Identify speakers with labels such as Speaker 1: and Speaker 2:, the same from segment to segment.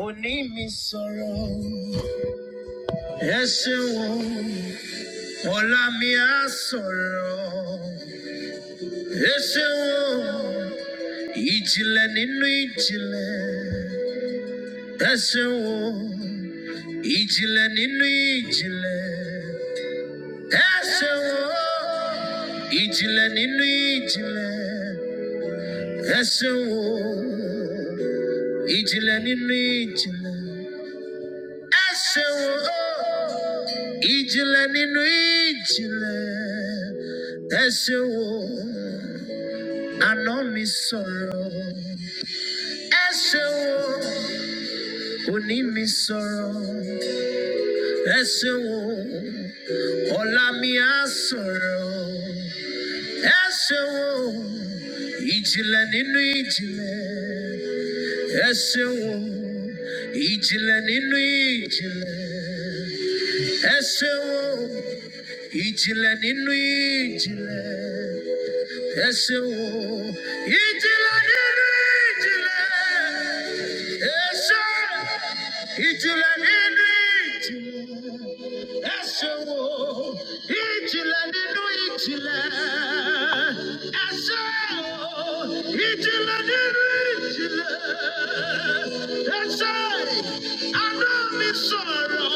Speaker 1: òní mi sọ̀rọ̀ ẹ ṣeun o. ọ̀la mi á sọ̀rọ̀ ẹ ṣeun o. ìjìnlẹ̀ nínú ìjìnlẹ̀ ẹ ṣeun o. ìjìnlẹ̀ nínú ìjìnlẹ̀ ẹ ṣeun o. ìjìnlẹ̀ nínú ìjìnlẹ̀ ẹ ṣeun o. ìjìnlẹ̀ nínú ìjìnlẹ̀. Ẹ̀ṣẹ̀wò ìjìnlẹ̀ nínú ijile. Ẹ̀ṣẹ̀wò àná mi sọ̀rọ̀. Ẹ̀ṣẹ̀wò òní mi sọ̀rọ̀. Ẹ̀ṣẹ̀wò ọ̀la mi á sọ̀rọ̀. Ẹ̀ṣẹ̀wò ìjìnlẹ̀ nínú ijile. Ẹ̀ṣẹ̀wò ìjìnlẹ̀ nínú ìjìnlẹ̀. Ẹ Ijile ninu ijile ese wo ijile ninu ijile ese ijile ninu ijila Ẹ̀ṣẹ̀wò ìjìnlẹ̀ nínú ìjìnlẹ̀. Ẹ̀ṣẹ̀wò ìjìnlẹ̀ nínú ìjìnlẹ̀. Ẹ̀ṣẹ̀ ano mi sọ̀rọ̀.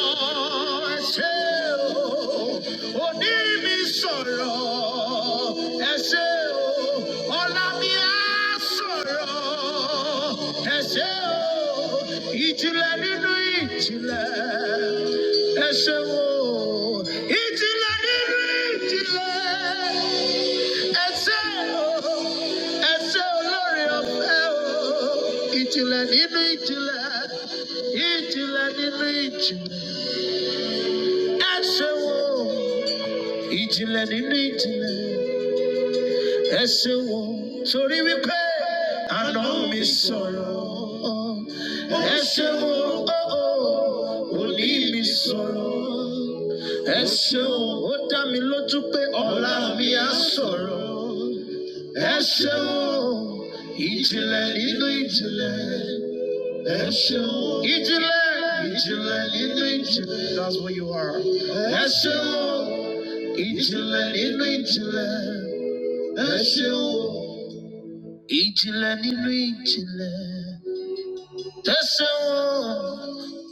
Speaker 1: Ẹ̀ṣẹ̀wò òní mi sọ̀rọ̀. Ẹ̀ṣẹ̀wò ọ̀la mi á sọ̀rọ̀. Ẹ̀ṣẹ̀ o, ìjìnlẹ̀ nínú ìjìnlẹ̀. Ẹ̀ṣẹ̀ wo, ìjìnlẹ̀ nínú ìjìnlẹ̀. Ẹ̀ṣẹ̀ o, ẹ̀ṣẹ̀ olóore ọ̀fẹ́ o, ìjìnlẹ̀ nínú ìjìnlẹ̀. Ìjìnlẹ̀ nínú ìjìnlẹ̀. Ẹ ṣeun torí wípé àná mi sọ̀rọ̀. Ẹ ṣeun ooo òní mi sọ̀rọ̀. Ẹ ṣeun ó dá mi lójú pé ọ̀la mi á sọ̀rọ̀. Ẹ ṣeun ìjìnlẹ̀ nínú ìjìnlẹ̀. Ẹ ṣeun ìjìnlẹ̀ ìjìnlẹ̀ nínú ìjìnlẹ̀. That's what you are. Ẹ ṣeun ìjìnlẹ̀ nínú ìjìnlẹ̀ ẹ ṣeun o. ìjìnlẹ̀ nínú ìjìnlẹ̀ ẹ ṣeun o.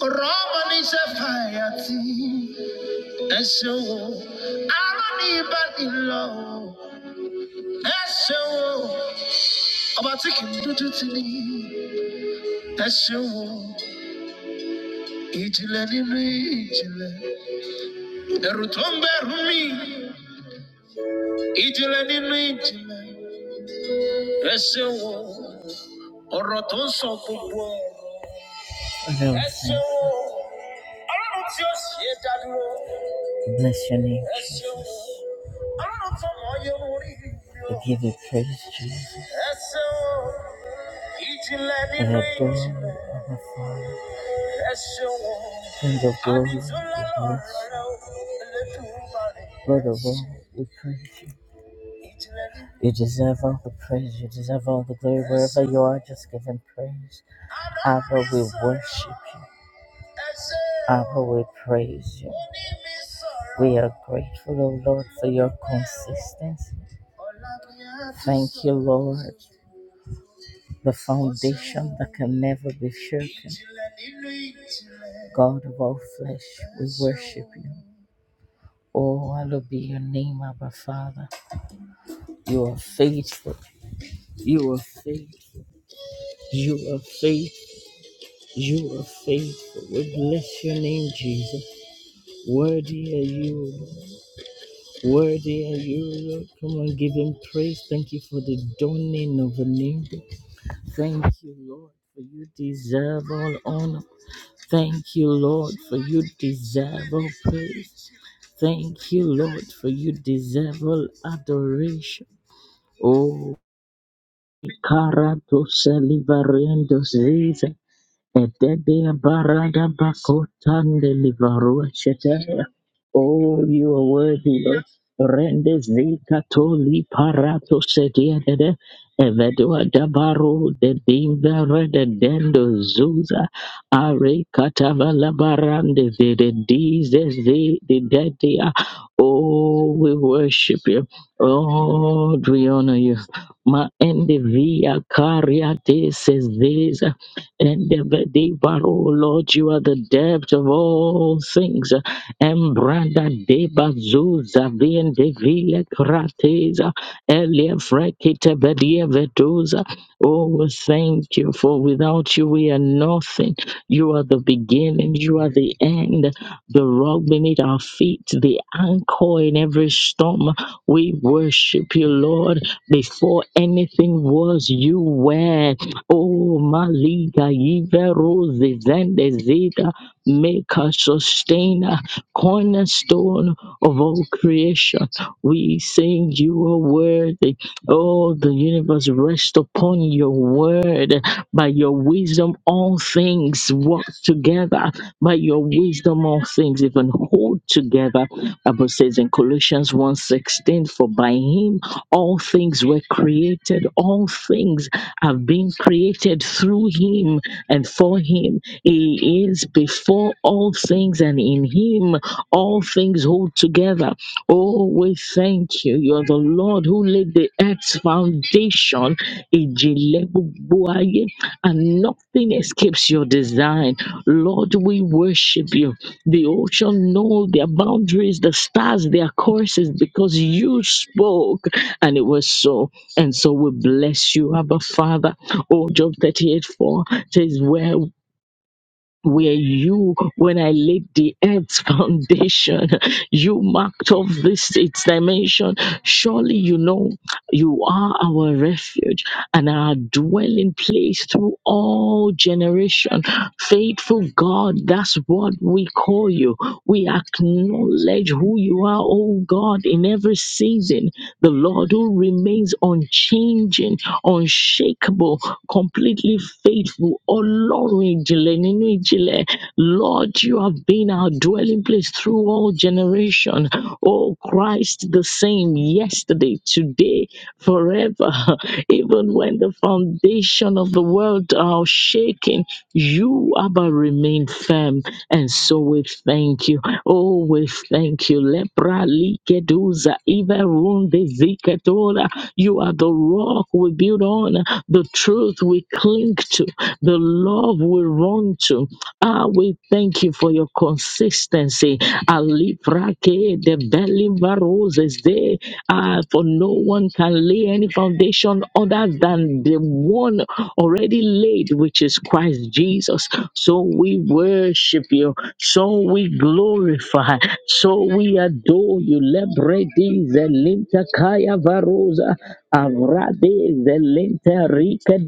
Speaker 1: ọ̀rọ̀ ọmọ níṣẹ́ fàyà tí ẹ ṣeun o. arán ní ibà nílọ o. ẹ ṣeun o. ọba tí kì í dúdú ti ní ẹ ṣeun o. ìjìnlẹ̀ nínú ìjìnlẹ̀ ẹ̀rù tó ń bẹ̀rù mi ìjìnlẹ̀ nínú ìjìnlẹ̀ ẹ ṣeun o. ọ̀rọ̀ tó ń sọ gbogbo ọ̀rọ̀. Lord, you. Bless your name, Jesus. We give you praise, Jesus. Our God, our Father, King of glory, we bless you. Lord of all, we praise you. You deserve all the praise. You deserve all the glory. Wherever you are, just give him praise. Abba, we worship you. Abba, we praise you. We are grateful, O Lord, for your consistency. Thank you, Lord, the foundation that can never be shaken. God of all flesh, we worship you. Oh, hallowed be your name, Abba Father. You are faithful. You are faithful. You are faithful. You are faithful. We bless your name, Jesus. Worthy are you, Worthy are you, Lord. Come on, give him praise. Thank you for the dawning of a new day. Thank you, Lord, for you deserve all honor. Thank you, Lord, for you deserve all praise. Thank you, Lord, for you deserve all adoration. Oh, carato salivarendo Ziza, Etedia barada bakotande livarua shetaya. Oh, you are worthy, Lord. Rende zika toli parato sedia dede. Evedua dabaru de dinga rede dendo zuza. Are katavala barande de de dize zi de dedia. Oh, we worship you. Oh, we honor you. Ma endivia caria de and the Devan, oh Lord, you are the depth of all things. And Branda Deba Zuza Vien Devile Krateza Elia Frekita Bedia Veduza. Oh, we thank you, for without you we are nothing. You are the beginning, you are the end, the rock beneath our feet, the anchor in every storm. We worship you, Lord. Before anything was, you were. Oh, Maliga, Ive Rose, Zende Ziga, Maker, Sustainer, Cornerstone of all creation. We sing you are worthy. Oh, the universe rests upon your word. By your wisdom, all things work together. By your wisdom, all things even hold together. Bible says in Colossians one sixteen. for by him all things were created, all things have been created through him and for him. He is before all things, and in him all things hold together. Oh, we thank you. You are the Lord who laid the earth's foundation, Ijelebubuaye, and nothing escapes your design. Lord, we worship you. The ocean know their boundaries, the stars, their courses, because you spoke, and it was so. And so we bless you, Abba Father. Oh, Job 38 4 says, Where were you when I laid the earth's foundation? You marked off this its dimension. Surely you know you are our refuge and our dwelling place through all generation. Faithful God, that's what we call you. We acknowledge who you are, oh God, in every season. The Lord who remains unchanging, unshakable, completely faithful. Ọlọ́run ìjìnlẹ̀ nínú ìjìnlẹ̀. Lord, you have been our dwelling place through all generation. Oh Christ, the same yesterday, today, forever. Even when the foundation of the world are shaking, you, Abba, remain firm. And so we thank you. Oh, we thank you. Lepra likeduza, even runde ziketora. You are the rock we build on, the truth we cling to, the love we run to. Ah, we thank you for your consistency. Alibrake de roses de ah, for no one can lay any foundation other than the one already laid, which is Christ Jesus. So we worship you, so we glorify, so we adore you. Lebredi zelinta kaya varosa avrade zelinta rika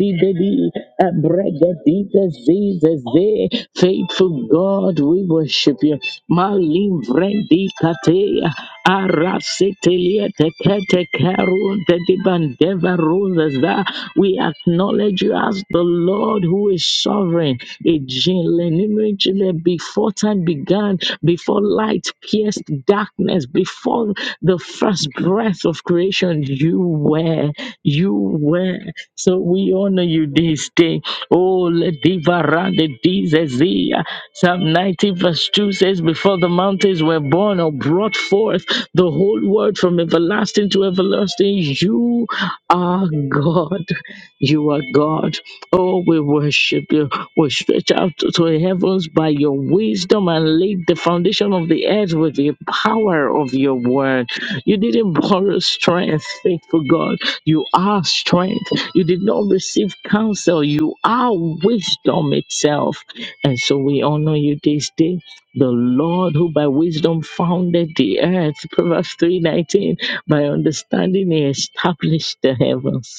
Speaker 1: Abregadita Zizaze, faithful God, we worship you. Malim Vrendi Katea, Arasitelia Tekete Karun Tedibandeva Ruzaza. We acknowledge you as the Lord who is sovereign. Ejinle nínú ìjìnlẹ̀, Before time began, before light pierced darkness, before the first breath of creation, you were were, You were. So we honor you this day. Oh, Ledivarande Dizezia. Psalm 90 verse 2 says, Before the mountains were born or brought forth, the whole word from everlasting to everlasting, you are God. You are God. Oh, we worship you. We stretch out to to the heavens by your wisdom and laid the foundation of the earth with the power of your word. You didn't borrow strength, faithful God. You are strength. You did not receive counsel. You are wisdom itself. And so we honor you this day. The Lord who by wisdom founded the earth, Proverbs 3:19, by understanding he established the heavens.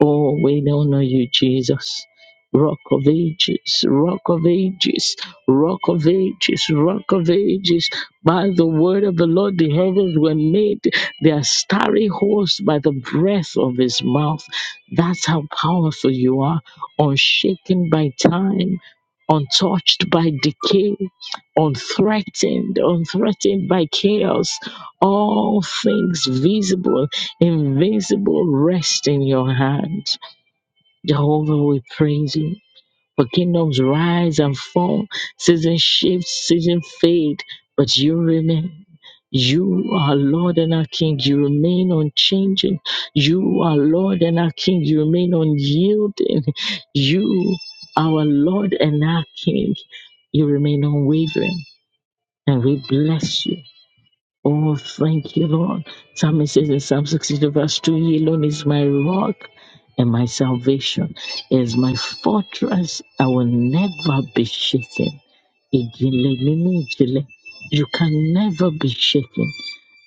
Speaker 1: Oh, we honor you, Jesus. Rock of ages, rock of ages, rock of ages, rock of ages. By the word of the Lord, the heavens were made, their starry host by the breath of his mouth. That's how powerful you are, unshaken by time, untouched by decay, unthreatened, unthreatened by chaos. All things visible Invisible rest in your hands. Jehovah, we praise you. For kingdoms rise and fall, season shift, season fade, but you remain. You are Lord and our King. You remain unchanging. You are Lord and our King. You remain unyielding. You, our Lord and our King, you remain unwavering. And we bless you. Oh, thank you, Lord. Psalmist says in Psalm 62, verse 2, He alone is my rock and my salvation, He is my fortress. I will never be shaken. Ijele ninu ijele. You can never be shaken.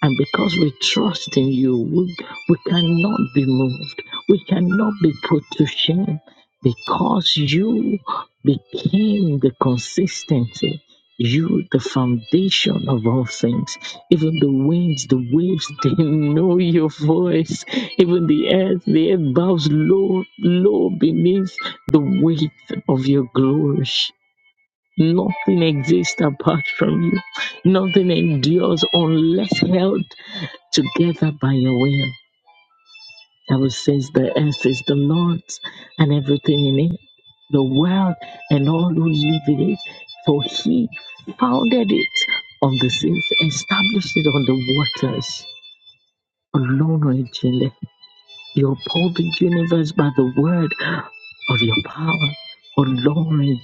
Speaker 1: And because we trust in you, we, we cannot be moved. We cannot be put to shame because you became the consistency. You, the foundation of all things. Even the winds, the waves, they know your voice. Even the earth, the earth bows low, low beneath the weight of your glory. Nothing exists apart from you. Nothing endures unless held together by your will. That was says the earth is the Lord's and everything in it, the world and all who live in it. For he founded it on the seas, established it on the waters. Alone, O Ejele, you uphold the universe by the word of your power. Alone,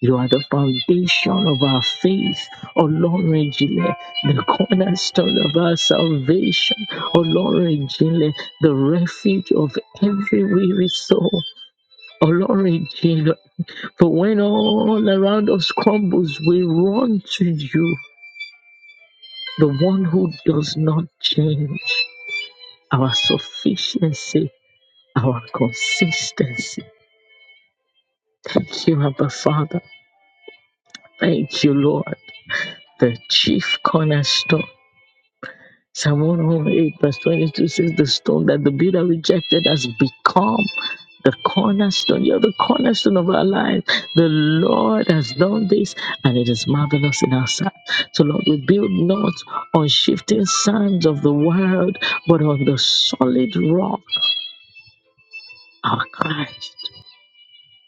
Speaker 1: You are the foundation of our faith, Ọlọ́run ìjìnlẹ̀, the cornerstone of our salvation, Ọlọ́run ìjìnlẹ̀, the refuge of every weary soul, Ọlọ́run ìjìnlẹ̀. For when all around us crumbles, we run to you, the one who does not change, our sufficiency, our consistency. Thank you, Abba Father. Thank you, Lord, the chief cornerstone. Psalm 108, verse 22 says, The stone that the builder rejected has become the cornerstone. You're the cornerstone of our life. The Lord has done this, and it is marvelous in our sight. So, Lord, we build not on shifting sands of the world, but on the solid rock, our Christ,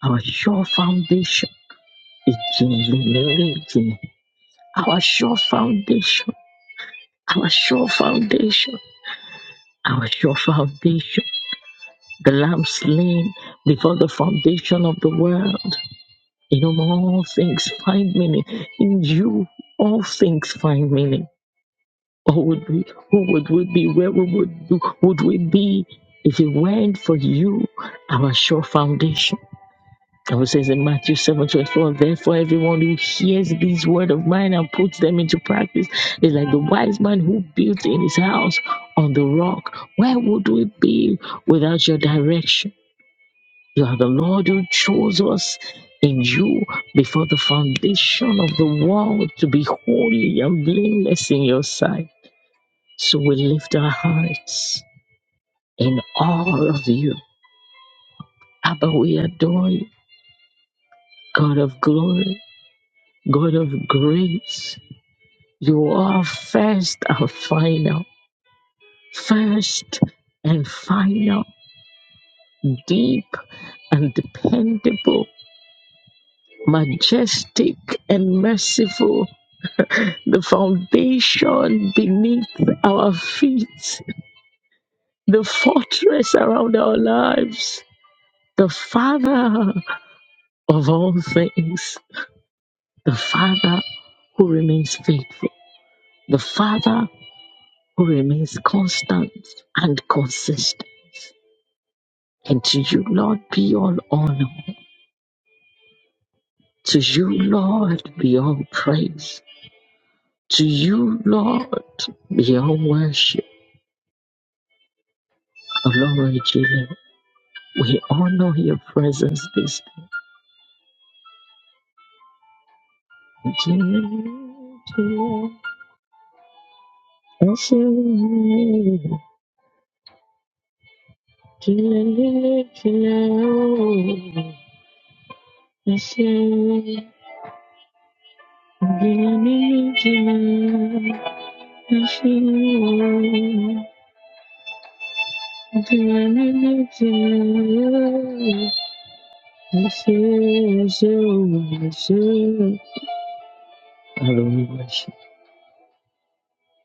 Speaker 1: our sure foundation. Our sure foundation, our sure foundation, our sure foundation. the lamb slain before the foundation of the world. In whom all things find meaning. In you, all things find meaning. Or would we, who would we be? Where we would, do, would we be if it weren't for you, our sure foundation? And it says in Matthew 7 24. therefore everyone who hears these word of mine and puts them into practice is like the wise man who built in his house on the rock. Where would we be without your direction? You are the Lord who chose us in you before the foundation of the world to be holy and blameless in your sight. So we lift our hearts in awe of you. Abba, we adore you, God of glory, God of grace. You are first and final, first and final, deep and dependable, majestic and merciful the foundation beneath our feet, the fortress around our lives, the Father of all things, the Father who remains faithful, the Father who remains constant and consistent. And to you, Lord, be all honor. To you, Lord, be all praise. To you, Lord, be all worship. Lord, we honor your presence this Hallelujah.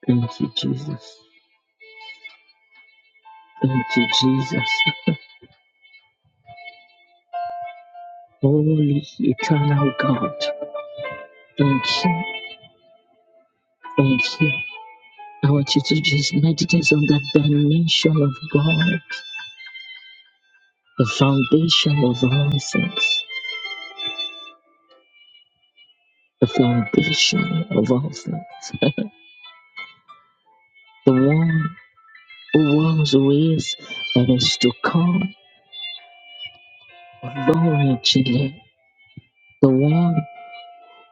Speaker 1: Thank you, Jesus. Thank you, Jesus. Holy eternal God. Thank you. Thank you. I want you to just meditate on the dimension of God, the foundation of all things, the foundation of all things, the one who was, who is, and is to come, originally, the one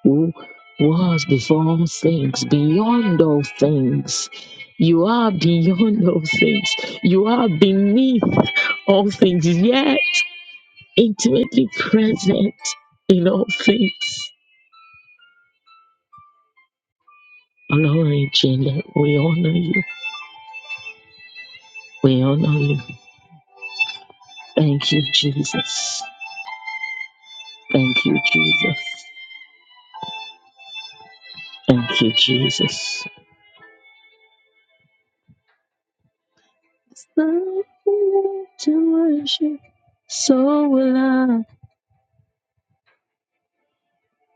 Speaker 1: who was before all things, beyond all things. You are beyond all things. You are beneath all things, yet intimately present in all things. Glory to you. We honor you. We honor you. Thank you, Jesus. Thank you, Jesus. Thank you, Jesus. Stop to worship. So will I.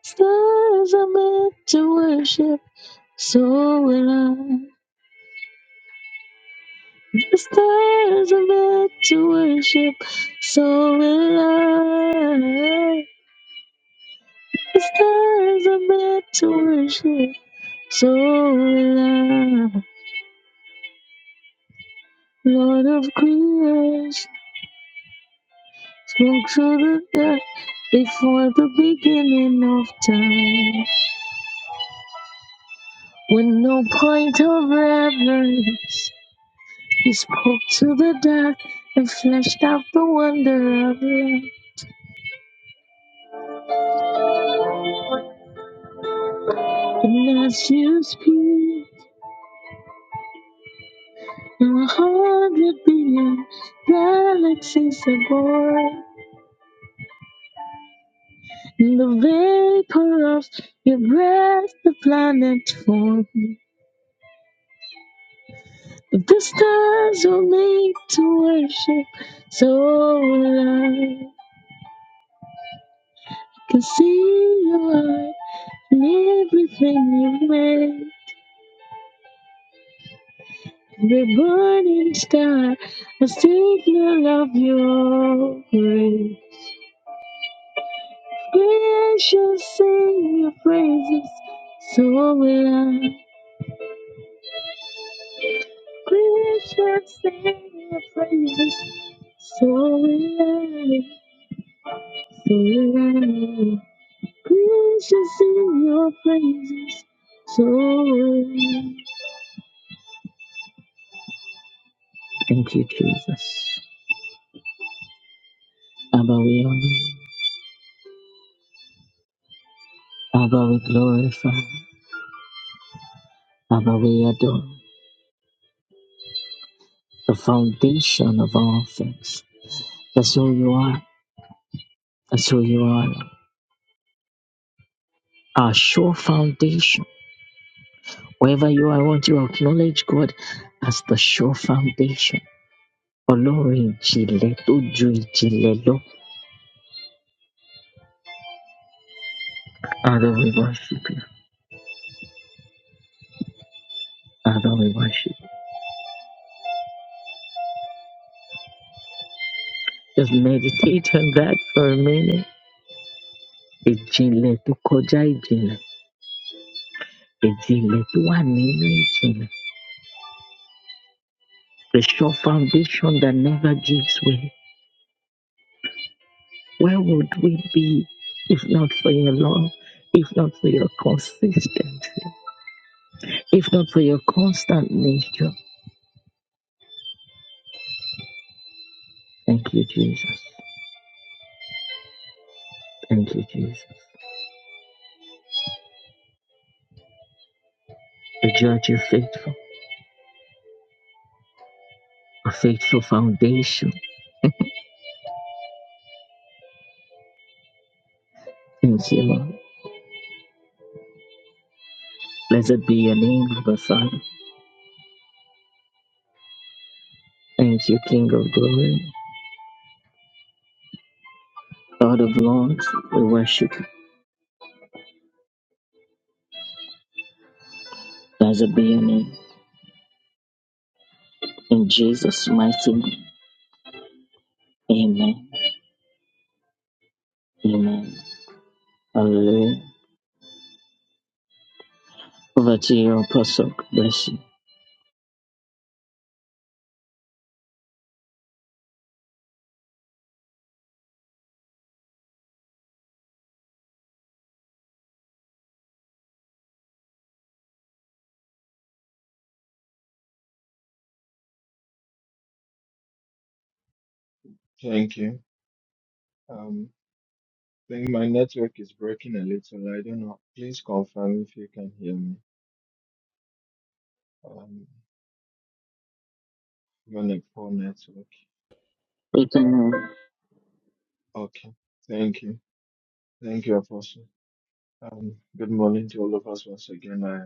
Speaker 1: Stars are meant to worship. So will I. The stars are meant to worship. So will I. The stars are meant to worship. So will I. Lord of creation, spoke to the dust before the beginning of time. With no point of reverence, he spoke to the dark and fleshed out the wonder of life. And as you speak, now a hundred billion galaxies are born in the vapor of your breath, the planet forms. The stars were made to worship, so I can see your heart and everything you made. Every burning star, a signal of your grace. Creation sing your praises, so will I. Creation sing your praises, so will I. So will I. Please just sing your praises. So thank you, Jesus. Abba, we honor you. Abba, we glorify. Abba, we adore. The foundation of all things. That's who you are. That's who you are. Our sure foundation. Wherever you are, I want you to acknowledge God as the sure foundation. Olori Jile, Toju Jile, Lo. Abba, we worship you. Abba, we worship you. Just meditate on that for a minute. Ìjìnlẹ̀ tó kọjá ìjìnlẹ̀, ìjìnlẹ̀ tó wà nínú ìjìnlẹ̀. The sure foundation that never gives way. Where would we be if not for your love, if not for your consistency, if not for your constant nature? Thank you, Jesus. Thank you, Jesus. The judge is faithful, a faithful foundation. Thank you, Lord. Blessed be your name, Abba Father. Thank you, King of glory, Lord of lords. We worship you. Blessed be your name. In Jesus' mighty name. Amen. Amen. Hallelujah. Over to you, Apostle. Bless you.
Speaker 2: Thank you. Um, I think my network is breaking a little. I don't know. Please confirm if you can hear me. Um, I'm on a poor network.
Speaker 1: We can
Speaker 2: Okay. Thank you. Thank you, Apostle. Um, good morning to all of us once again. I,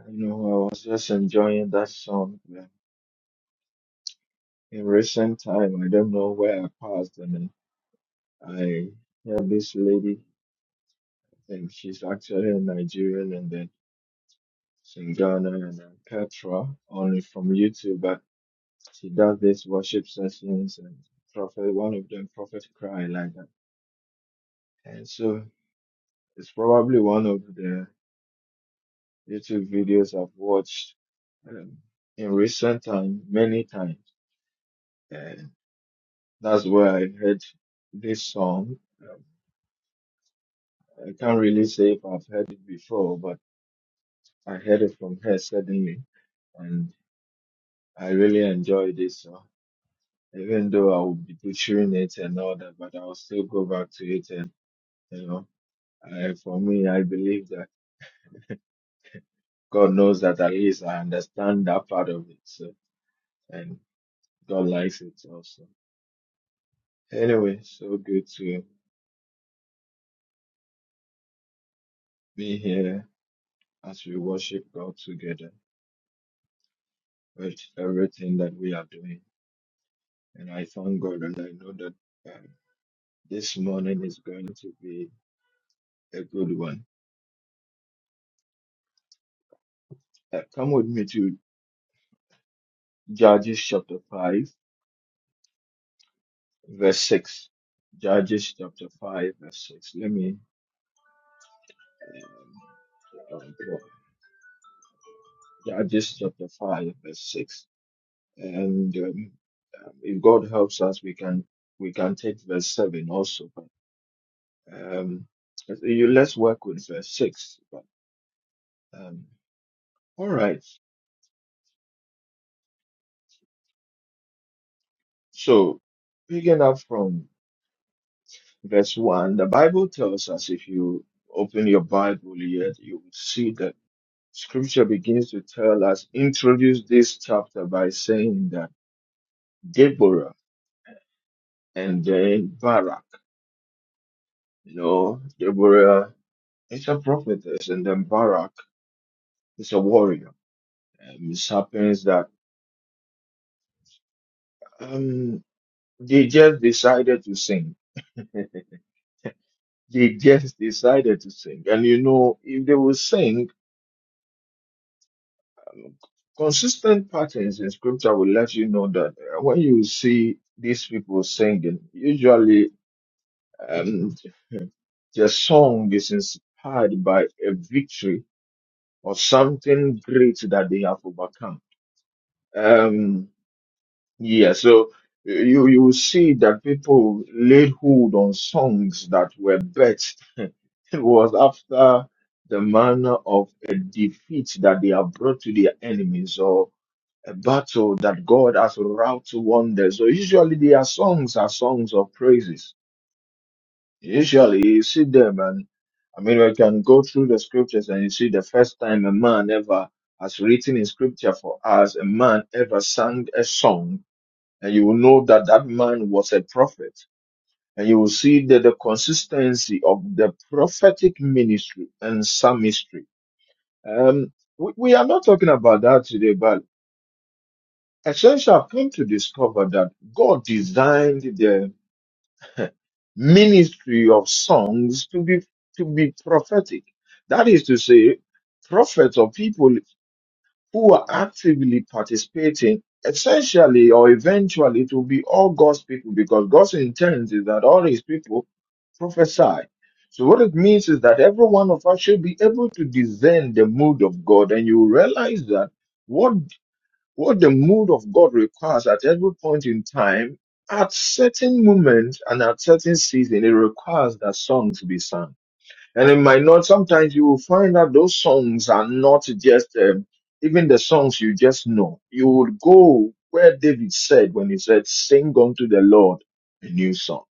Speaker 2: I know I was just enjoying that song. yeah. In recent time, I don't know where I passed, and then I heard this lady, and she's actually a Nigerian, and then she's in Ghana, and then Petra, only from YouTube. She does these worship sessions and prophet one of them prophet cry like that. And so it's probably one of the YouTube videos I've watched um, in recent time many times. And that's where I heard this song. Um, I can't really say if I've heard it before, but I heard it from her suddenly, and I really enjoyed this song. Even though I would be butchering it and all that, but I'll still go back to it and you know. Uh, for me, I believe that God knows that at least I understand that part of it. So, and God likes it also. Anyway, so good to be here as we worship God together with everything that we are doing. And I thank God and I know that uh, this morning is going to be a good one. Uh, come with me to Judges chapter 5, verse 6. Judges chapter 5, verse 6. Let me. Um, Yeah, Judges chapter 5, verse 6. And um, um, if God helps us, we can we can take verse 7 also. But um, you let's work with verse 6. But um, all right. So picking up from verse 1, the Bible tells us if you open your Bible here, you will see that scripture begins to tell us, introduce this chapter by saying that Deborah and then Barak. You know, Deborah. It's a prophetess, and then Barak is a warrior. Um, it happens that um, they just decided to sing. They just decided to sing. And you know, if they will sing, um, consistent patterns in scripture will let you know that uh, when you see these people singing, usually um, their song is inspired by a victory or something great that they have overcome. Um, Yeah, so uh, you you will see that people laid hold on songs that were bet. It was after the manner of a defeat that they have brought to their enemies or a battle that God has wrought wonders. So usually their songs are songs of praises. Usually you see them and I mean we can go through the scriptures and you see the first time a man ever has written in scripture for us, a man ever sang a song and you will know that that man was a prophet. And you will see that the consistency of the prophetic ministry and psalmistry. Um, we, we are not talking about that today, but essentially I've come to discover that God designed the ministry of songs to be to be prophetic. That is to say, prophets or people who are actively participating, essentially or eventually it will be all God's people because God's intent is that all his people prophesy. So what it means is that every one of us should be able to discern the mood of God and you realize that what what the mood of God requires at every point in time, at certain moments and at certain season, it requires that songs be sung and it might not, sometimes you will find that those songs are not just, um, even the songs you just know. You would go where David said when he said, sing unto the Lord a new song.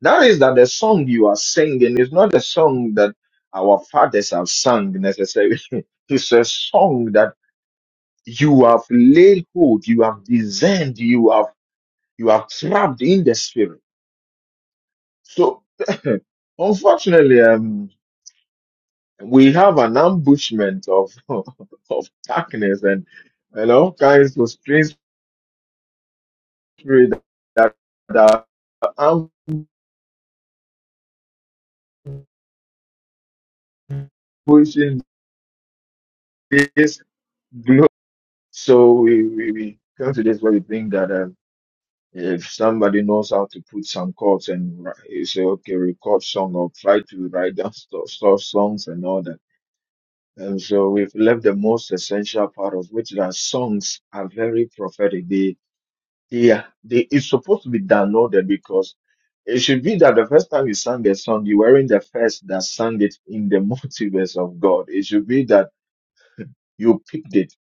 Speaker 2: That is that the song you are singing is not a song that our fathers have sung necessarily. it's a song that you have laid hold, you have discerned, you have, you have trapped in the spirit. So, unfortunately, um, we have an ambushment of of darkness and and all kinds of strange spirit that, that are ambushing this globe. So we, we, we come to this where we think that um, if somebody knows how to put some chords and wri- you say, okay, record song or try to write down stuff, stuff songs and all that. And so we've left the most essential part of which that songs are very prophetic. Yeah, they, it's supposed to be downloaded because it should be that the first time you sang the song, you weren't the first that sang it in the multiverse of God. It should be that you picked it.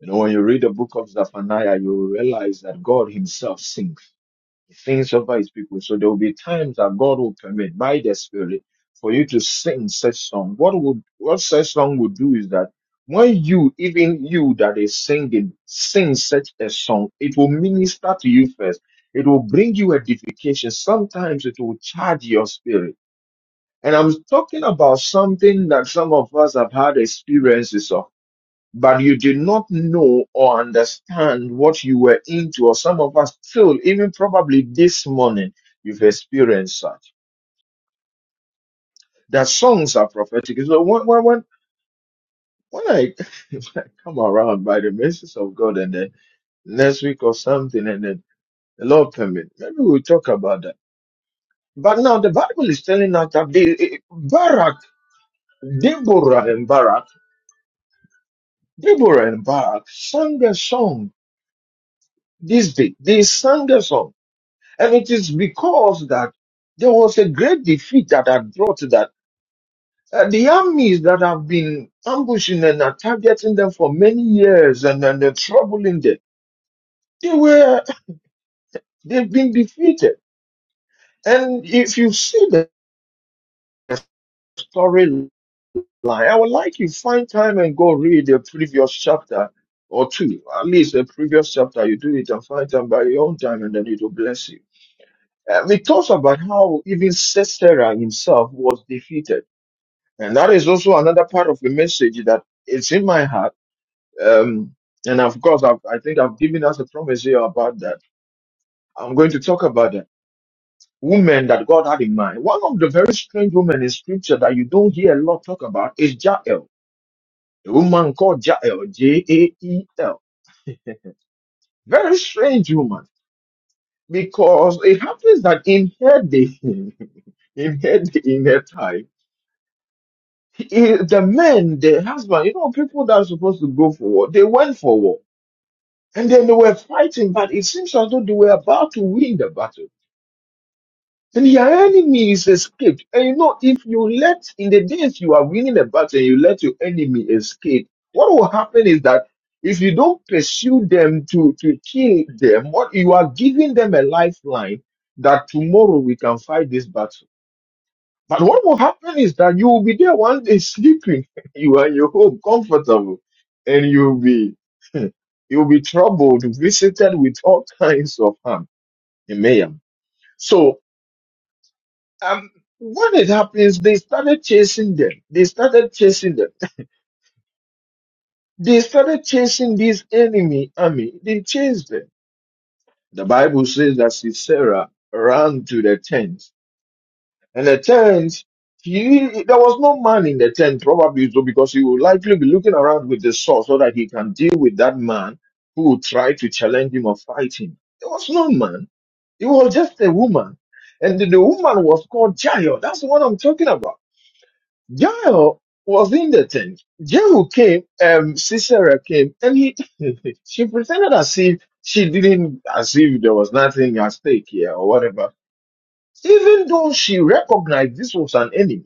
Speaker 2: You know, when you read the book of Zephaniah, you realize that God Himself sings sings over his people. So there will be times that God will permit by the Spirit for you to sing such song. What would what such song would do is that when you, even you that is singing, sing such a song, it will minister to you first. It will bring you edification. Sometimes it will charge your spirit. And I'm talking about something that some of us have had experiences of but you did not know or understand what you were into, or some of us still, even probably this morning, you've experienced such. That songs are prophetic. So when when when, when I, when I come around by the mercies of God, and then next week or something, and then the Lord permit, maybe we'll talk about that. But now the Bible is telling us that they, eh, eh, Barak, Deborah, and Barak, Deborah and Barak sang a song this day. They sang a song And it is because that there was a great defeat that had brought to that. Uh, the armies that have been ambushing and are targeting them for many years and, and they're troubling them, they were, they've been defeated. And if you see the storyline, I would like you find time and go read the previous chapter or two, at least the previous chapter. You do it and find time by your own time and then it will bless you. Uh, it talks about how even Sisera himself was defeated And that is also another part of the message that it's in my heart. Um, and of course, I've, I think I've given us a promise here about that. I'm going to talk about that. Women that God had in mind. One of the very strange women in scripture that you don't hear a lot talk about is Jael. A woman called Jael, J-A-E-L. Very strange woman because it happens that in her day, in her day, in her time, i- the men, the husband, you know, people that are supposed to go for war, they went for war And then they were fighting, but it seems as though they were about to win the battle. And your enemy is escaped. And you know, if you let, in the days you are winning the battle and you let your enemy escape, what will happen is that if you don't pursue them to, to kill them, what you are giving them a lifeline that tomorrow we can fight this battle. But what will happen is that you will be there one day sleeping. You are in your home, comfortable, and you'll be you'll be troubled, visited with all kinds of harm and mayhem. So um, when it happens, they started chasing them. They started chasing them. They started chasing this enemy army. They chased them. The Bible says that Sisera ran to the tent And the tent, he, there was no man in the tent, probably so because he will likely be looking around with the sword so that he can deal with that man who will try to challenge him or fight him. There was no man. It was just a woman. And the, the woman was called Jael. That's what I'm talking about. Jael was in the tent. Jehu came, um, Sisera came, and he, she pretended as if she didn't, as if there was nothing at stake here or whatever even though she recognized this was an enemy.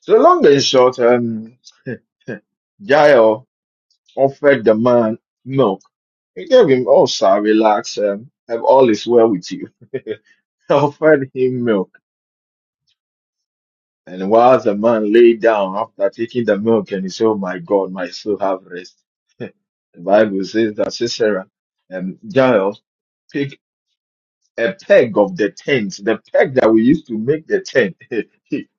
Speaker 2: So long and short, um, Jael offered the man milk. He gave him, oh, sir, relax, um, have all is well with you. offered him milk. And while the man lay down after taking the milk and he said, oh my God, my soul have rest. the Bible says that Sisera and Jael pick a peg of the tent, the peg that we used to make the tent.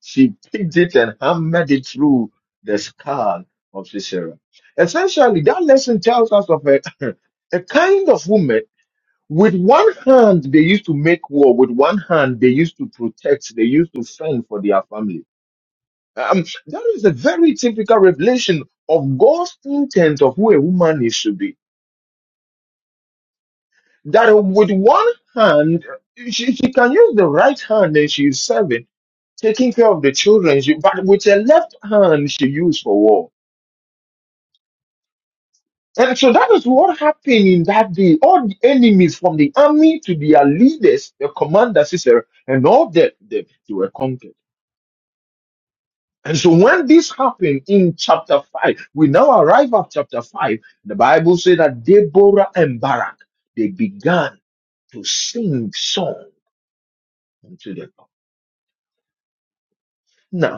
Speaker 2: she picked it and hammered it through the skull of Sisera. Essentially, that lesson tells us of a, a kind of woman. With one hand, they used to make war. With one hand, they used to protect. They used to fend for their family. Um, that is a very typical revelation of God's intent of who a woman is to be. that with one hand she, she can use the right hand and she's serving, taking care of the children, she, but with her left hand she used for war. And so that is what happened in that day. All the enemies from the army to their leaders, the commander, sister, and all that, they, they were conquered. And so when this happened in chapter 5, we now arrive at chapter 5. The Bible says that Deborah and Barak, they began to sing song unto the Lord.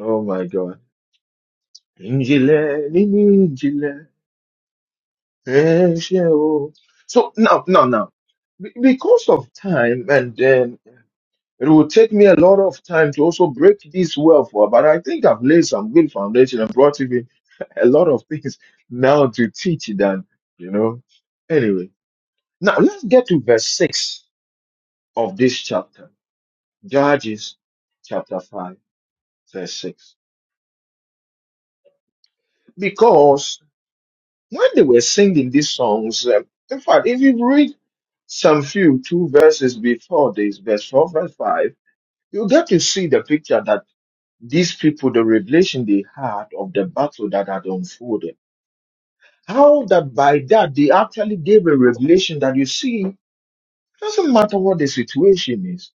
Speaker 2: Oh my God. İncile, injile, her şey o. So now, now, now, be- because of time, and then it will take me a lot of time to also break this well for, but I think I've laid some good foundation and brought even a lot of things now to teach than, you know. Anyway, now let's get to verse 6 of this chapter, Judges chapter 5, verse 6. Because. When they were singing these songs, um, in fact, if you read some few two verses before this, verse 4, verse 5, you get to see the picture that these people, the revelation they had of the battle that had unfolded. How that by that they actually gave a revelation that you see, doesn't matter what the situation is,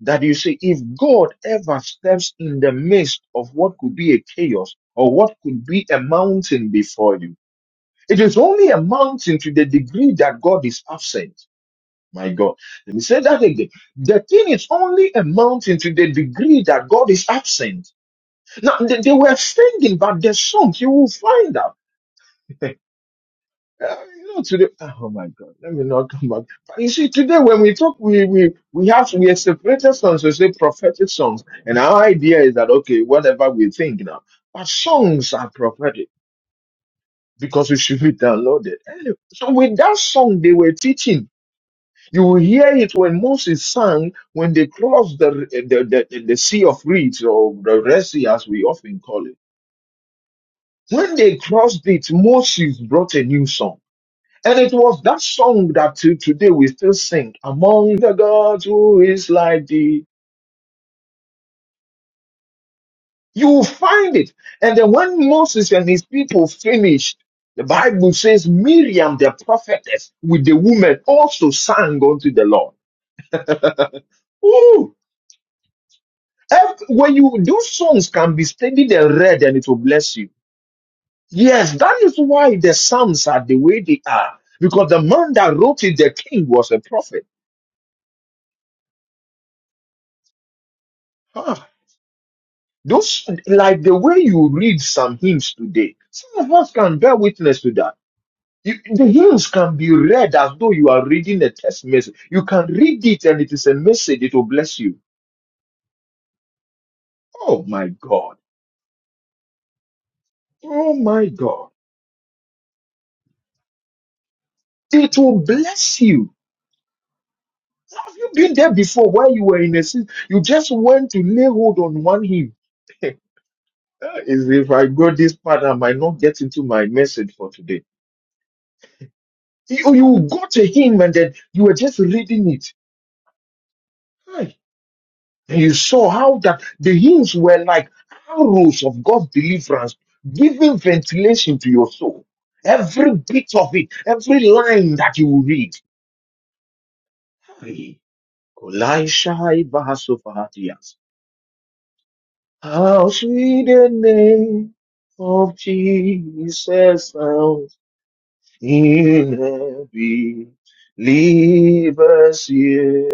Speaker 2: that you see, if God ever steps in the midst of what could be a chaos or what could be a mountain before you, it is only a mountain to the degree that God is absent. My God. Let me say that again. The thing is only a mountain to the degree that God is absent. Now, they, they were singing, but the song, you will find out. Uh, you know, today, ah, oh my God, let me not come back. But you see, today when we talk, we, we, we have, we have separated songs, we say prophetic songs. And our idea is that, okay, whatever we think now, but songs are prophetic because we should be downloaded. Anyway, so with that song, they were teaching You will hear it when Moses sang when they crossed the, the, the, the Sea of Reeds or the Red Sea as we often call it. When they crossed it, Moses brought a new song. And it was that song that till today we still sing, Among the gods who is like thee. You will find it. And then when Moses and his people finished, the Bible says Miriam the prophetess with the woman also sang unto the Lord. Ooh. Ev- when you those songs can be studied and read and it will bless you. Yes, that is why the psalms are the way they are. Because the man that wrote it, the king, was a prophet. Ah, Those like the way you read some hymns today, some of us can bear witness to that. You, the hymns can be read as though you are reading a text message. You can read it and it is a message, it will bless you. Oh my God. Oh my God. It will bless you. Have you been there before while you were in a season? You just went to lay hold on one hymn. is if I go this part, I might not get into my message for today. You, you got a hymn and then you were just reading it. Hi. And you saw how that the hymns were like arrows of God's deliverance, giving ventilation to your soul. Every bit of it, every line that you read. Hi. Kolai Shai Bahasopahatias. How sweet the name of Jesus sounds in every believer's ear.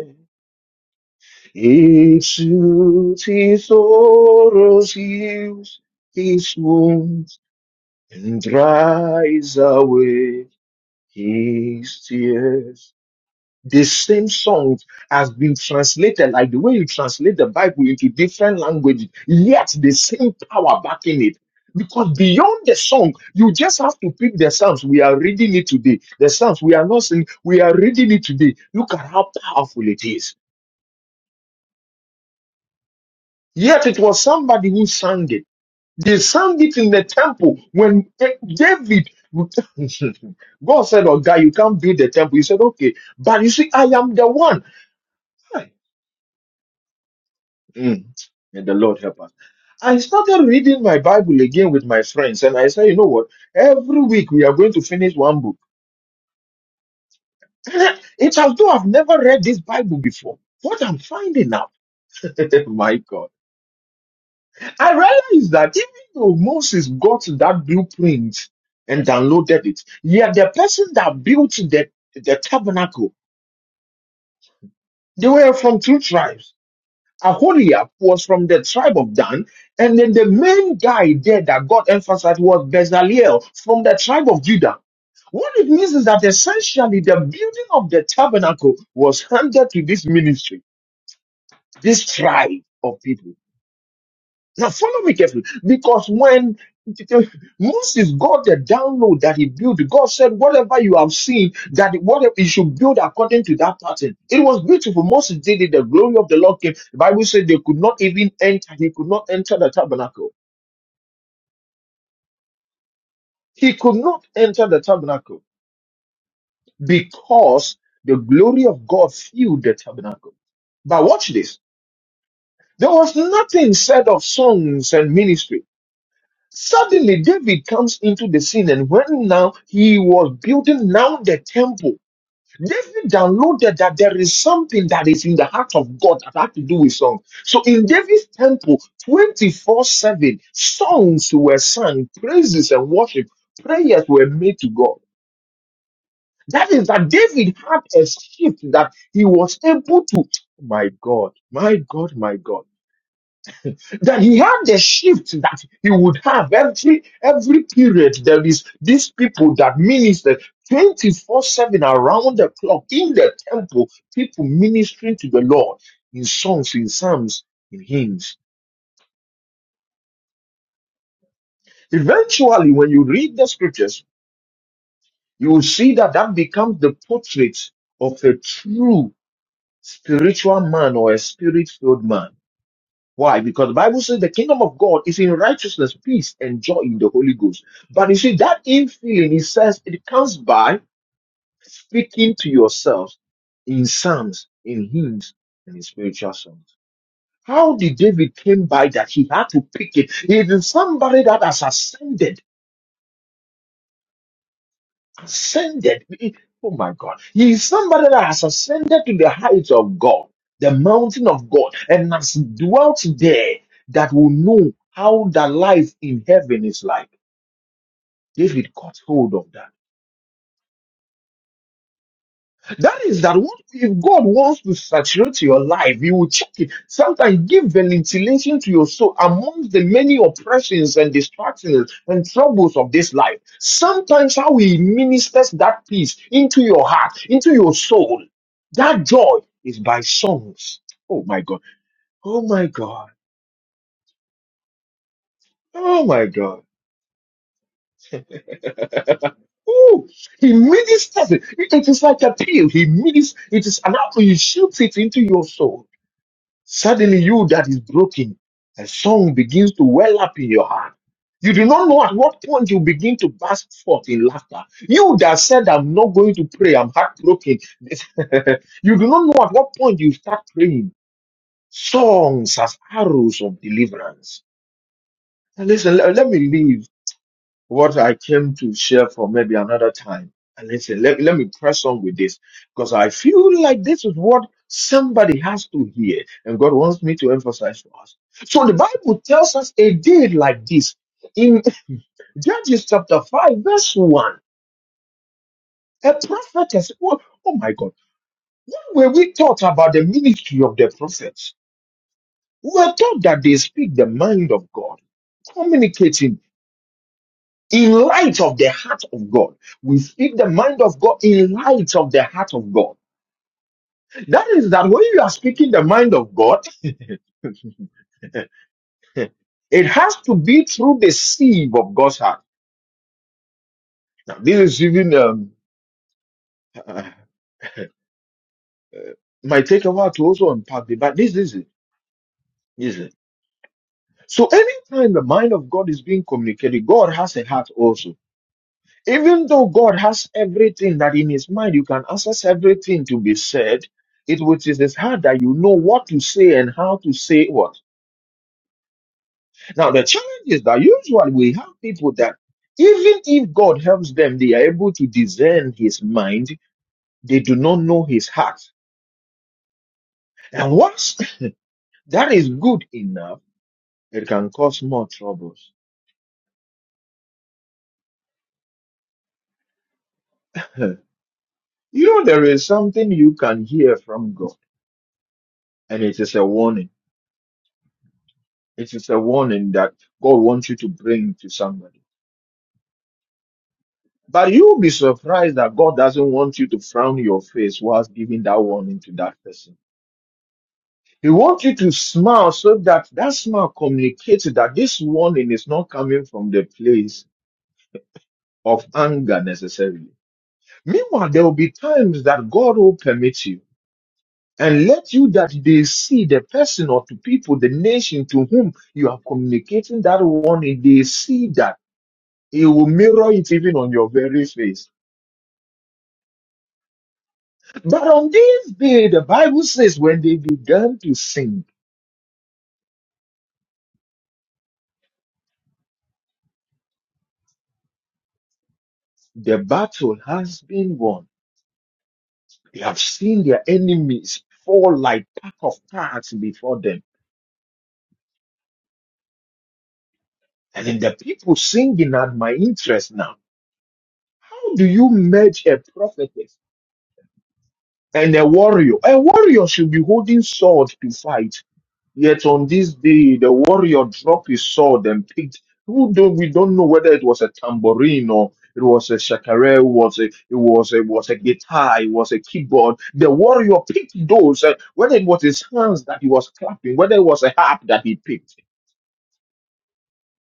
Speaker 2: It soothes his sorrows, heals his wounds, and dries away his tears. the same songs has been translated like the way you translate the bible into different languages yet the same power backing it because beyond the song you just have to pick the psalms we are reading it today the psalms we are not saying we are reading it today look at how powerful it is yet it was somebody who sang it they sang it in the temple when eh, david god said oh guy you can't build the temple he said okay but you see i am the one Mm. May the Lord help us. I started reading my Bible again with my friends, and I said, you know what? Every week we are going to finish one book. it's as though I've never read this Bible before. What I'm finding out, my God, I realized that even though Moses got that blueprint and downloaded it, yet the person that built the, the tabernacle, they were from two tribes. Aholiab was from the tribe of Dan, and then the main guy there that God emphasized was Bezalel from the tribe of Judah. What it means is that essentially the building of the tabernacle was handed to this ministry, this tribe of people. Now follow me carefully, because when Moses got the download that he built, God said, "Whatever you have seen, that whatever you should build according to that pattern." It was beautiful. Moses did it. The glory of the Lord came. The Bible said they could not even enter. He could not enter the tabernacle. He could not enter the tabernacle because the glory of God filled the tabernacle. But watch this. There was nothing said of songs and ministry. Suddenly, David comes into the scene, and when now he was building now the temple, David downloaded that there is something that is in the heart of God that had to do with song. So in David's temple, 24-7, songs were sung, praises and worship, prayers were made to God. That is that David had a shift that he was able to, "Oh my God, my God, my God that he had the shift that he would have every every period. There is these people that minister 24-7 around the clock in the temple, people ministering to the Lord in songs, in psalms, in hymns. Eventually, when you read the scriptures, you will see that that becomes the portrait of a true spiritual man or a spirit-filled man Why? Because the Bible says the kingdom of God is in righteousness, peace, and joy in the Holy Ghost. But you see, that infilling, it says it comes by speaking to yourselves in psalms, in hymns, and in spiritual songs. How did David came by that he had to pick it? He is somebody that has ascended ascended. Oh my God. He is somebody that has ascended to the heights of God, the mountain of God, and has dwelt there that will know how the life in heaven is like. David caught hold of that. That is that what, if God wants to saturate your life, He will check it. Sometimes give ventilation to your soul amongst the many oppressions and distractions and troubles of this life. Sometimes how He ministers that peace into your heart, into your soul. That joy is by songs. Oh my God. Oh my God. Oh my God. Ooh, he ministers it. It it is like a pill. He ministers. It is an apple. He shoots it into your soul. Suddenly, you that is broken, a song begins to well up in your heart. You do not know at what point you begin to burst forth in laughter. You that said, I'm not going to pray, I'm heartbroken. you do not know at what point you start praying songs as arrows of deliverance. And listen, le- let, me leave what I came to share for maybe another time. And listen, let, let me press on with this because I feel like this is what somebody has to hear, and God wants me to emphasize for us. So the Bible tells us a day like this in Judges chapter 5, verse 1. A prophetess, oh, oh my God, when we thought about the ministry of the prophets, we were taught that they speak the mind of God, communicating in light of the heart of God. We speak the mind of God in light of the heart of God. That is that when you are speaking the mind of God, it has to be through the sieve of God's heart. Now, this is even um, uh, might take a while to also unpack it, but this is it. This is it. So anytime the mind of God is being communicated, God has a heart also. Even though God has everything that in his mind, you can access everything to be said, it which is his heart that you know what to say and how to say what. Now, the challenge is that usually we have people that even if God helps them, they are able to discern his mind, they do not know his heart. And once that is good enough, it can cause more troubles. you know, there is something you can hear from God, and it is a warning It is a warning that God wants you to bring to somebody. But you'll be surprised that God doesn't want you to frown your face whilst giving that warning to that person. He wants you to smile so that that smile communicates that this warning is not coming from the place of anger necessarily. Meanwhile, there will be times that God will permit you and let you that they see the person or to people, the nation to whom you are communicating that warning, they see that He will mirror it even on your very face. But on this day, the Bible says, when they began to sing, the battle has been won. They have seen their enemies fall like pack of cards before them. And then the people singing at my interest now. How do you merge a prophetess and a warrior? A warrior should be holding sword to fight. Yet on this day, the warrior dropped his sword and picked. Who do we don't know whether it was a tambourine or it was a shakare, it was a it was a it was a guitar, it was a keyboard. The warrior picked those, uh, whether it was his hands that he was clapping, whether it was a harp that he picked,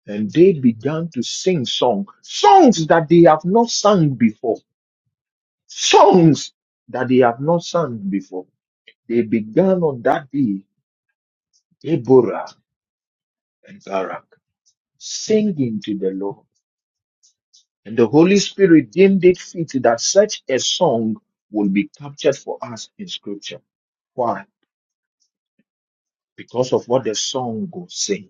Speaker 2: and they began to sing song songs that they have not sung before, songs that they have not sung before. They began on that day, Deborah and Barak. singing to the Lord. And the Holy Spirit deemed it fit that such a song will be captured for us in Scripture. Why? Because of what the song will say.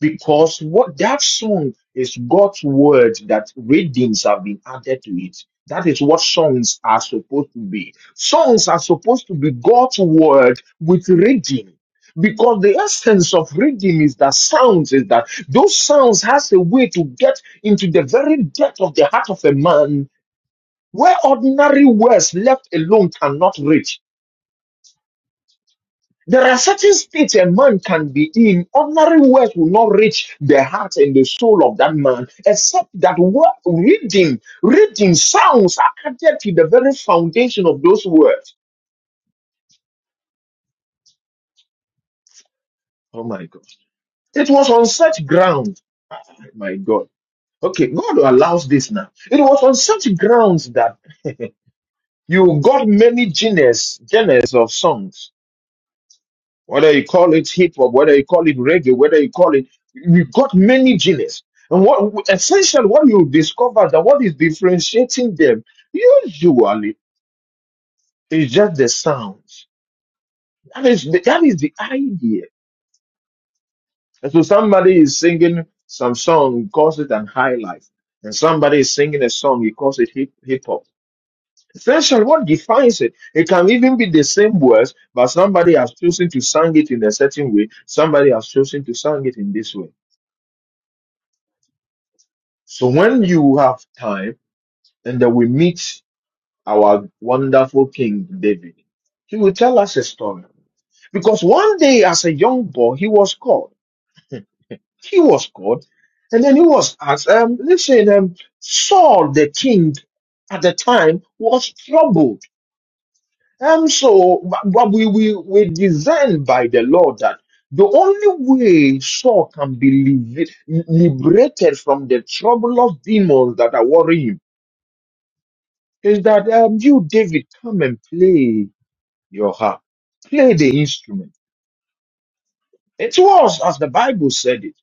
Speaker 2: because what that song is God's word that readings have been added to it. That is what songs are supposed to be. Songs are supposed to be God's word with reading. Because the essence of reading is that sounds is that those sounds has a way to get into the very depth of the heart of a man where ordinary words left alone cannot reach. There are certain states a man can be in. Ordinary words will not reach the heart and the soul of that man, except that word, reading, reading sounds are added to the very foundation of those words. Oh my God. It was on such ground, my God. Okay, God allows this now. It was on such grounds that you got many genres, genres of songs. whether you call it hip hop, whether you call it reggae, whether you call it, we've got many genres. And what essentially what you discover that what is differentiating them usually is just the sounds. That is the, that is the idea. And so somebody is singing some song, he calls it an high life, and somebody is singing a song, he calls it hip hip hop. Essentially, what defines it? It can even be the same words, but somebody has chosen to sing it in a certain way. Somebody has chosen to sing it in this way. So when you have time and then we meet our wonderful King David, he will tell us a story. Because one day as a young boy, he was called. He was called. And then he was asked, um, listen, um, Saul, the king at the time, was troubled. And so but but we, we, we discern by the Lord that the only way Saul can be liv- liberated from the trouble of demons that are worrying him is that um, you, David, come and play your harp, play the instrument. It was as the Bible said it.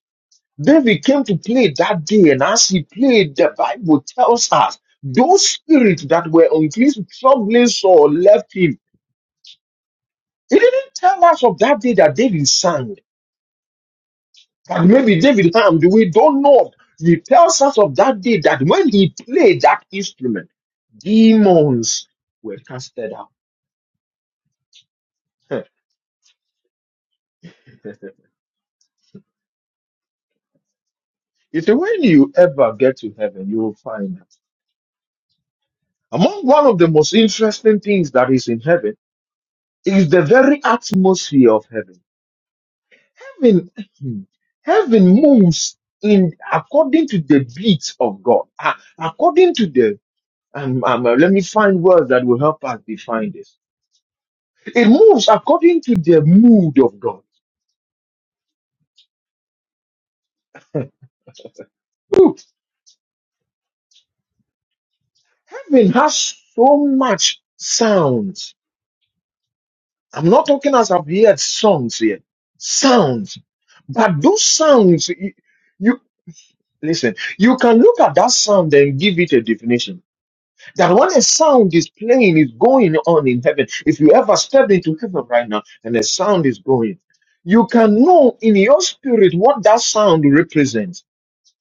Speaker 2: David came to play that day, and as he played, the Bible tells us those spirits that were on his troubling soul left him. It didn't tell us of that day that David sang, that maybe David harmed. We don't know. He tells us of that day that when he played that instrument, demons were casted out. You see, when you ever get to heaven, you will find that among one of the most interesting things that is in heaven is the very atmosphere of heaven. Heaven, heaven moves in according to the beat of God, Ah, according to the. Um, um, uh, let me find words that will help us define this. It moves according to the mood of God. Look, heaven has so much sound I'm not talking as I've heard songs here. Sounds. But those sounds, you, you listen, you can look at that sound and give it a definition. That when a sound is playing, is going on in heaven. If you ever step into heaven right now and a sound is going, you can know in your spirit what that sound represents.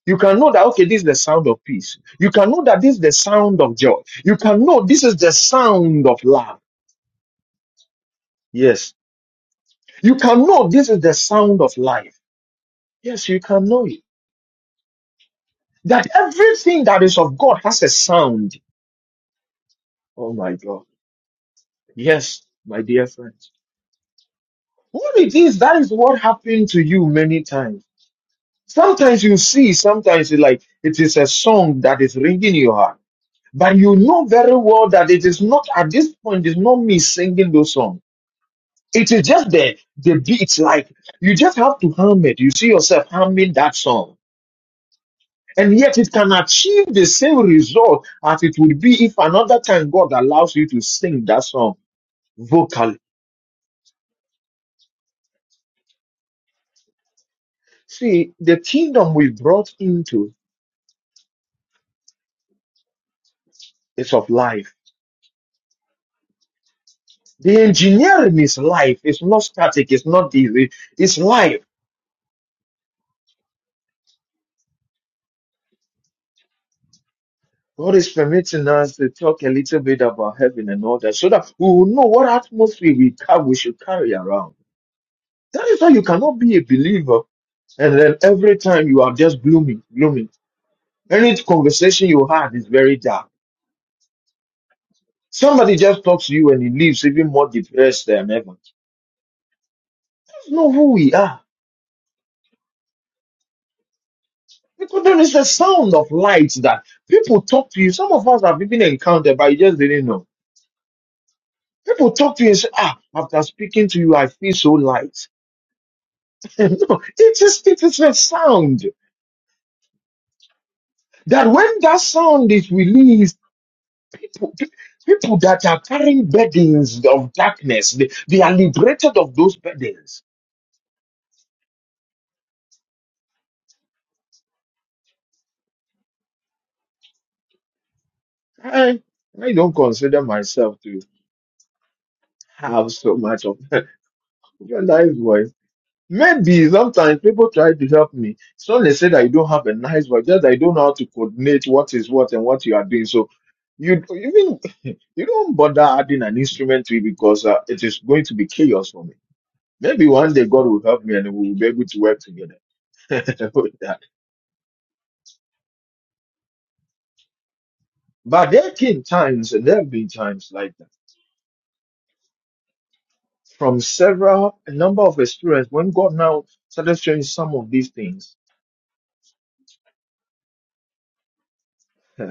Speaker 2: You can know that, okay, this is the sound of peace. You can know that this is the sound of joy. You can know this is the sound of love. Yes. You can know this is the sound of life. Yes, you can know it. That everything that is of God has a sound. Oh my God. Yes, my dear friends. What it is, that is what happened to you many times. Sometimes you see, sometimes you like, it is a song that is ringing in your heart. But you know very well that it is not, at this point, it's not me singing those songs. It is just the, the beat, like, you just have to hum it. You see yourself humming that song. And yet it can achieve the same result as it would be if another time God allows you to sing that song vocally. See, the kingdom we brought into is of life. The engineering is life. It's not static. It's not easy. It's life. God is permitting us to talk a little bit about heaven and all that so that we will know what atmosphere we, car- we should carry around. That is why you cannot be a believer and then every time you are just gloomy, gloomy. Any conversation you have is very dark. Somebody just talks to you and he leaves even more depressed than ever. You know who we are. Because there is a sound of light that people talk to you. Some of us have even encountered, but you just didn't know. People talk to you and say, ah, after speaking to you, I feel so light. no, it is, it is a sound that when that sound is released, people, people that are carrying burdens of darkness, they, they are liberated of those burdens. I, I don't consider myself to have so much of Your nice voice. Maybe sometimes people try to help me. It's not necessarily that you don't have a nice voice, just that you don't know how to coordinate what is what and what you are doing. So you even you don't bother adding an instrument to it because uh, it is going to be chaos for me. Maybe one day God will help me and we will be able to work together with that. But there came times and there have been times like that from several a number of experience when God now started showing some of these things.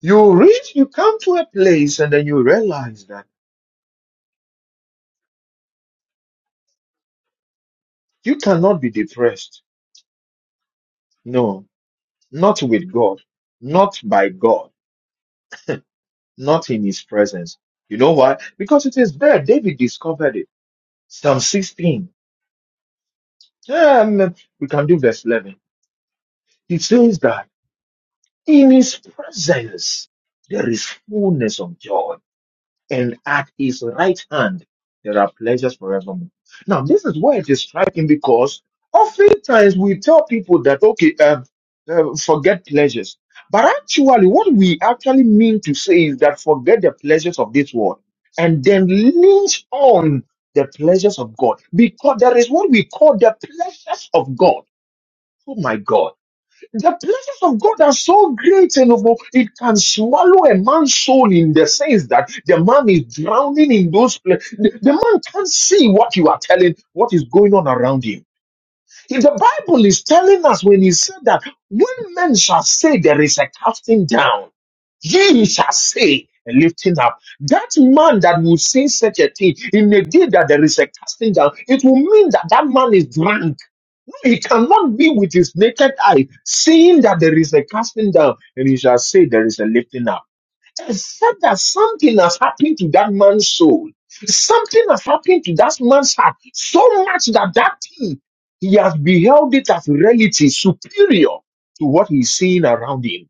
Speaker 2: You reach, you come to a place and then you realize that you cannot be depressed. No, not with God, not by God, not in His presence. You know why? Because it is there. David discovered it. Psalm 16. Um, we can do verse 11. He says that in His presence there is fullness of joy and at his right hand there are pleasures forevermore. Now, this is why it is striking because oftentimes we tell people that, okay, um, uh, forget pleasures. But actually, what we actually mean to say is that forget the pleasures of this world and then lean on the pleasures of God because there is what we call the pleasures of God. Oh my God the blessings of God are so great, and know, it can swallow a man's soul in the sense that the man is drowning in those places. The, the man can't see what you are telling, what is going on around him. If the Bible is telling us when he said that when men shall say there is a casting down, ye shall say a lifting up. That man that will say such a thing in the day that there is a casting down, it will mean that that man is drunk he cannot be with his naked eye, seeing that there is a casting down, and he shall say there is a lifting up. Except that something has happened to that man's soul. Something has happened to that man's heart so much that that thing, he has beheld it as reality superior to what he's seeing around him.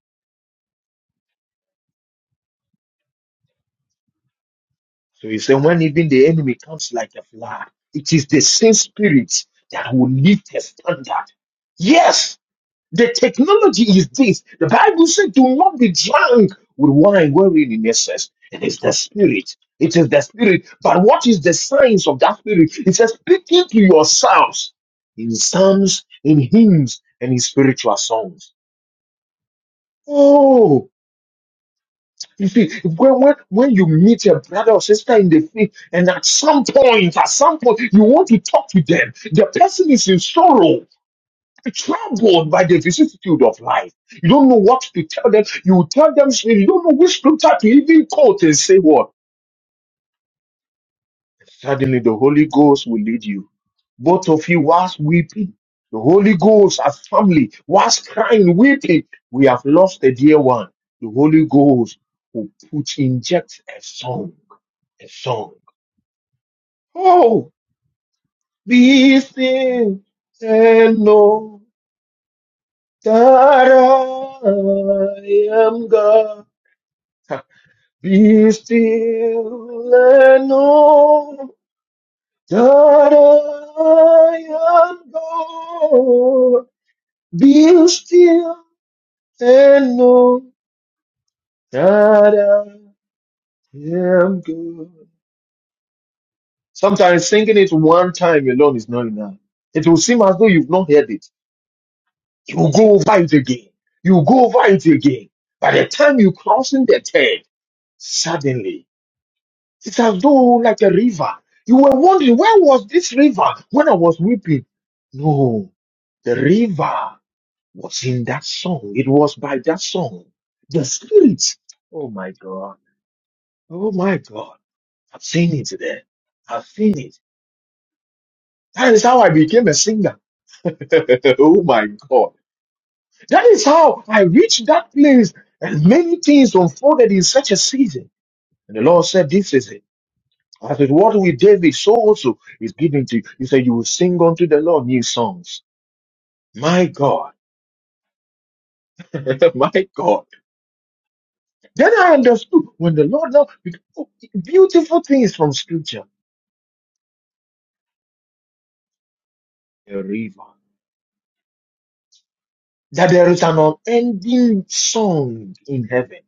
Speaker 2: So he said, when even the enemy comes like a flood, it is the same spirit that will lift a standard. Yes, The technology is this. The Bible said, do not be drunk with wine wherein in excess. It is the spirit. It is the spirit. But what is the signs of that spirit? It says, speaking to yourselves in psalms, in hymns, and in spiritual songs. Oh, you see, when, when, when you meet a brother or sister in the faith, and at some point, at some point, you want to talk to them, the person is in sorrow. troubled by the vicissitude of life. You don't know what to tell them. You tell them, you don't know which scripture to even quote and say what. Suddenly the Holy Ghost will lead you. Both of you whilst weeping. The Holy Ghost, as family, whilst crying, weeping. We have lost a dear one. The Holy Ghost will put, inject a song, a song. Oh, be still and know that I am God. Be still and know that I am God. Be still and know that I am God. Sometimes singing it one time alone is not enough. It will seem as though you've not heard it. You will go over it again. You will go over it again. By the time you cross in the third, suddenly It's as though like a river. You were wondering, where was this river when I was weeping? No, the river was in that song. It was by that song. The spirit. Oh my God. Oh my God. I've seen it there. I've seen it. That is how I became a singer. oh my God. That is how I reached that place and many things unfolded in such a season. And the Lord said, this is it. As it was with David, so also is given to you. He said, You will sing unto the Lord new songs. My God. My God. Then I understood when the Lord now beautiful things from scripture. A river. That there is an unending song in heaven.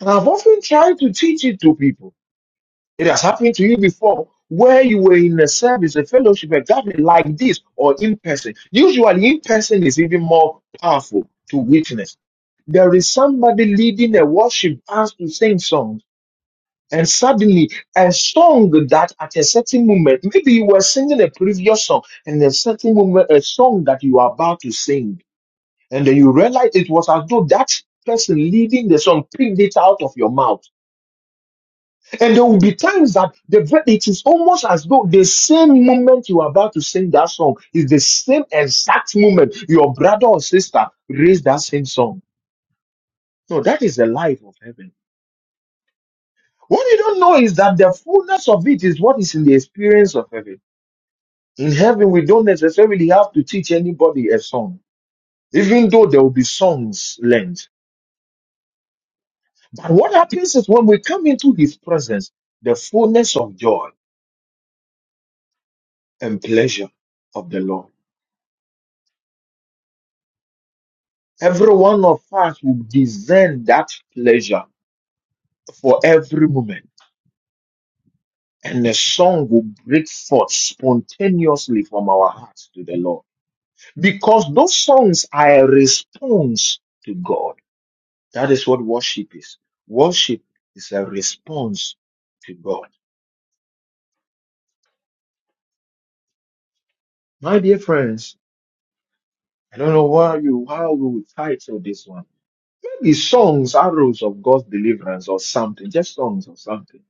Speaker 2: And I've often tried to teach it to people. It has happened to you before where you were in a service, a fellowship, a gathering like this or in person. Usually in person is even more powerful to witness There is somebody leading a worship as to sing songs. And suddenly, a song that at a certain moment, maybe you were singing a previous song, and a certain moment, a song that you are about to sing, and then you realize it was as though that person leading the song picked it out of your mouth. And there will be times that the ver- it is almost as though the same moment you are about to sing that song is the same exact moment your brother or sister raised that same song. No, that is the life of heaven. What you don't know is that the fullness of it is what is in the experience of heaven. In heaven, we don't necessarily have to teach anybody a song, even though there will be songs learned. But what happens is when we come into his presence, the fullness of joy and pleasure of the Lord. Every one of us will discern that pleasure for every moment. And the song will break forth spontaneously from our hearts to the Lord. Because those songs are a response to God. That is what worship is. Worship is a response to God. My dear friends, I don't know why you how we would title this one. Maybe songs, arrows of God's deliverance or something, just songs or something.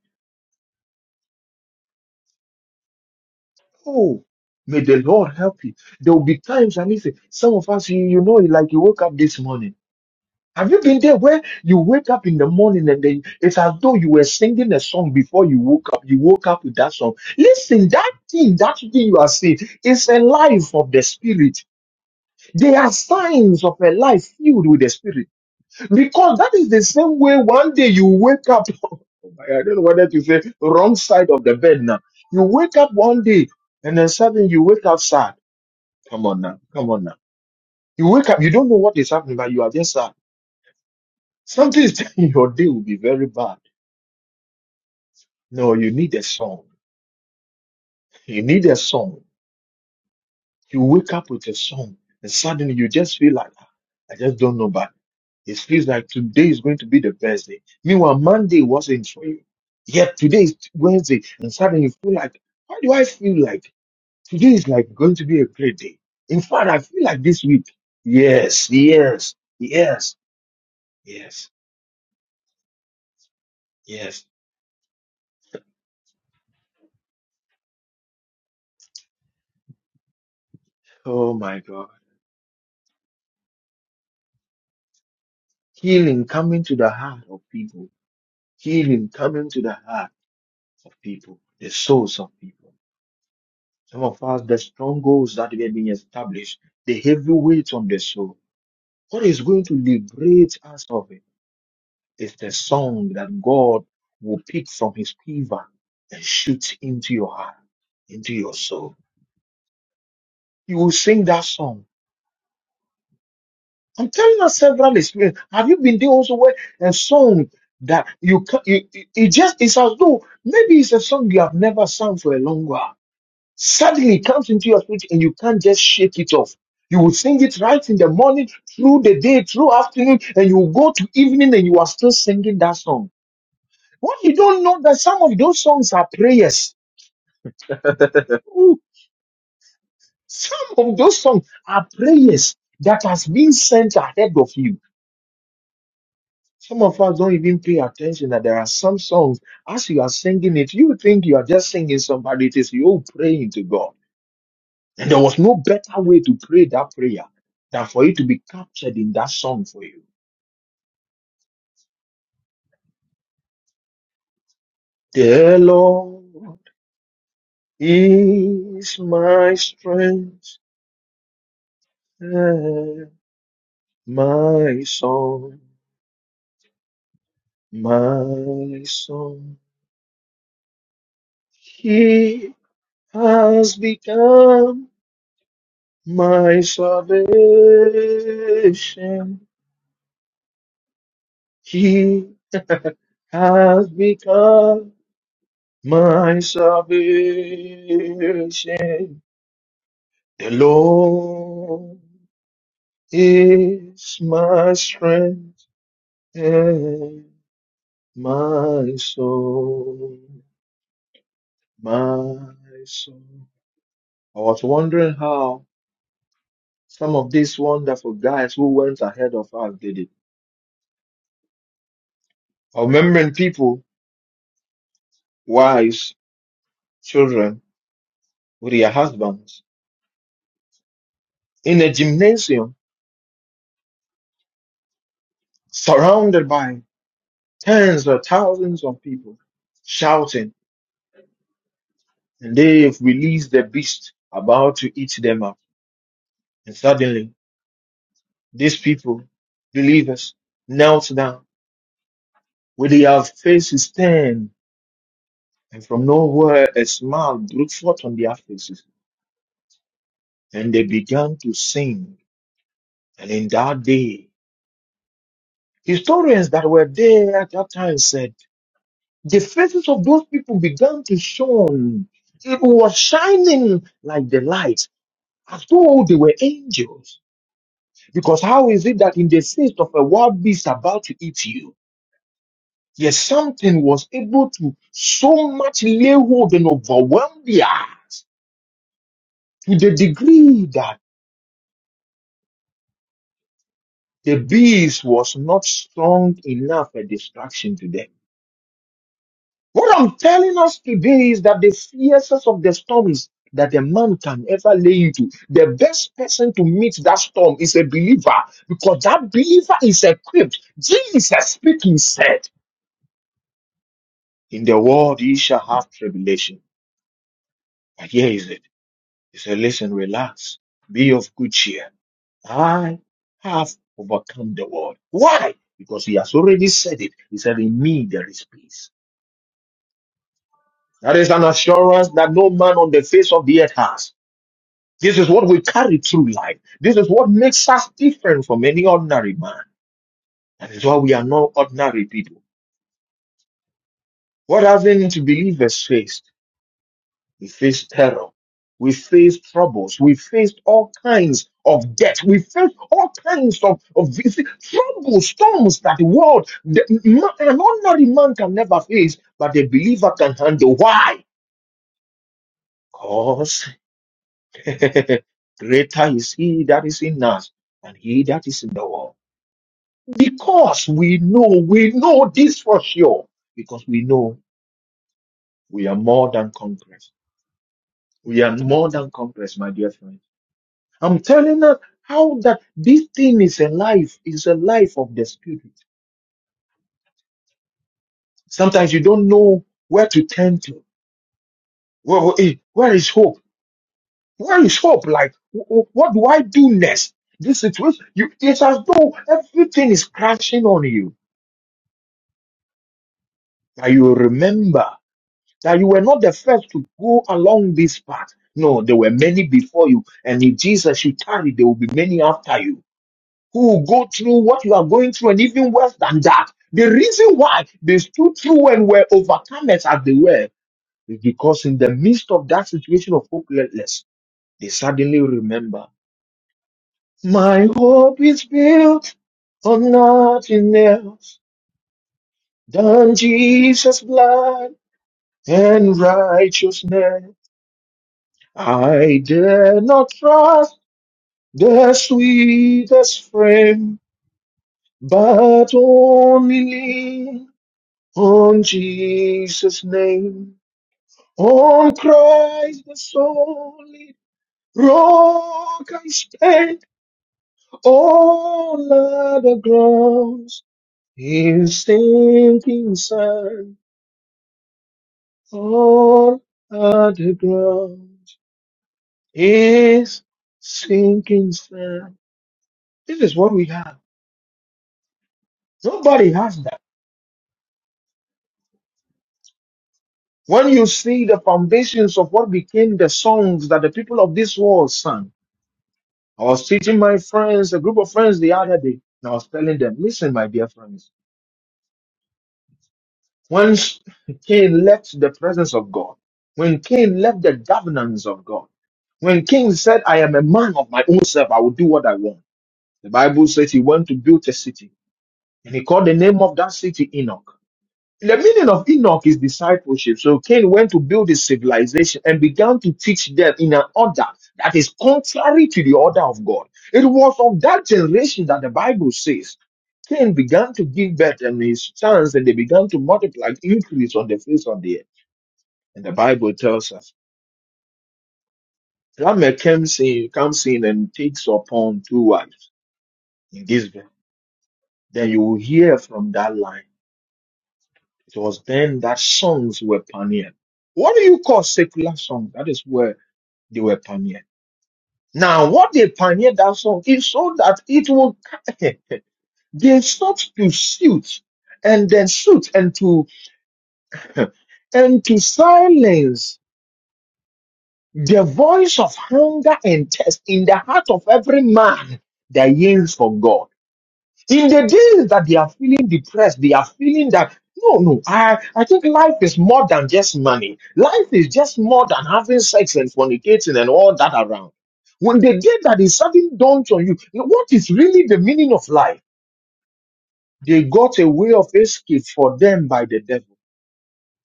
Speaker 2: Oh, may the Lord help you. There will be times I mean some of us you, you know like you woke up this morning. Have you been there where you wake up in the morning and then it's as though you were singing a song before you woke up? You woke up with that song. Listen, that thing, that thing you are seeing is a life of the spirit. They are signs of a life filled with the spirit. Because that is the same way one day you wake up. Oh my God, I don't know whether to say wrong side of the bed now. You wake up one day and then suddenly you wake up sad. Come on now. Come on now. You wake up, you don't know what is happening, but you are just sad Something is telling you your day will be very bad. No, you need a song. You need a song. You wake up with a song, and suddenly you just feel like, "Ah, I just don't know, but it feels like today is going to be the best day. Meanwhile, Monday wasn't for you. Yet today is Wednesday, and suddenly you feel like, why do I feel like today is like going to be a great day? In fact, I feel like this week. Yes, yes, yes, yes, yes. Oh my God. Healing coming to the heart of people healing coming to the heart of people, the souls of people. Some of us, the strongholds that we have been established, the heavy weight on the soul. What is going to liberate us of it is the song that God will pick from his quiver and shoot into your heart, into your soul. You will sing that song. I'm telling us several experiences. Have you been there also where a song that you, ca- you it, it just, it's as though maybe it's a song you have never sung for a long while Suddenly it comes into your spirit and you can't just shake it off. You will sing it right in the morning, through the day, through afternoon, and you will go to evening and you are still singing that song. What you don't know that some of those songs are prayers. Ooh, some of those songs are prayers that has been sent ahead of you. Some of us don't even pay attention that there are some songs, as you are singing it, you think you are just singing somebody, it is you praying to God. And there was no better way to pray that prayer than for it to be captured in that song for you. The Lord is my strength and my song, my song. He has become my salvation. He has become my salvation. The Lord is my strength and my soul, my soul. I was wondering how some of these wonderful guys who went ahead of us did it. Remembering people, wives, children, with their husbands, in a gymnasium, surrounded by tens of thousands of people, shouting, and they've released the beast about to eat them up. And suddenly, these people, believers, knelt down with their faces turned, and from nowhere a smile broke forth on their faces, and they began to sing. And in that day, historians that were there at that time said, the faces of those people began to shine. It was shining like the light, as though they were angels. Because how is it that in the face of a wild beast about to eat you, Yet something was able to so much lay hold and overwhelm the earth to the degree that the beast was not strong enough a distraction to them. What I'm telling us today is that the fiercest of the storms that a man can ever lay into, the best person to meet that storm is a believer because that believer is equipped. Jesus speaking said, In the world ye shall have tribulation. But here is it. He said, Listen, relax. Be of good cheer. I have overcome the world. Why? Because he has already said it. He said, In me there is peace. That is an assurance that no man on the face of the earth has. This is what we carry through life. This is what makes us different from any ordinary man. That is why we are not ordinary people. What haven't believers faced? We faced terror. We faced troubles. We faced all kinds of debt. We faced all kinds of, of you troubles, storms that the world, the, ma- an ordinary man can never face, but the believer can handle. Why? Because greater is he that is in us than he that is in the world. Because we know, we know this for sure. Because we know we are more than conquerors. We are more than conquerors, my dear friend I'm telling us how that this thing is a life, is a life of the spirit. Sometimes you don't know where to turn to. Well, eh, where is hope? Where is hope? Like, wh- wh- what do I do next? This situation, you, it's as though everything is crashing on you. That you remember that you were not the first to go along this path. No, there were many before you. And if Jesus, you tarry, there will be many after you. who will go through what you are going through and even worse than that. The reason why they stood through and were overcomers as they were is because in the midst of that situation of hopelessness, they suddenly remember, my hope is built on nothing else than Jesus' blood and righteousness. I dare not trust the sweetest frame, but only lean On Jesus' name, on Christ the solid rock I stand, on other grounds is sinking sand, on other grounds is sinking sand. This is what we have. Nobody has that. When you see the foundations of what became the songs that the people of this world sang, I was teaching my friends, a group of friends the other day, and I was telling them, listen, my dear friends, when Cain left the presence of God, when Cain left the governance of God, when Cain said, I am a man of my own self, I will do what I want. The Bible says he went to build a city, and he called the name of that city Enoch. The meaning of Enoch is discipleship. So Cain went to build his civilization and began to teach them in an order that is contrary to the order of God. It was of that generation that the Bible says Cain began to give birth and his sons, and they began to multiply, increase on the face of the earth. And the Bible tells us Lamech comes in, comes in and takes upon two wives in this. verse, Then you will hear from that line. It was then that songs were pioneered. What do you call secular songs? That is where they were pioneered. Now, what they pioneered that song is so that it will, they sought to suit and then suit and to, and to silence the voice of hunger and thirst in the heart of every man that yearns for God. in the days that they are feeling depressed, they are feeling that no, no, I, I think life is more than just money. Life is just more than having sex and fornicating and all that around. When the day that is sudden dawns on you, you know, what is really the meaning of life? They got a way of escape for them by the devil.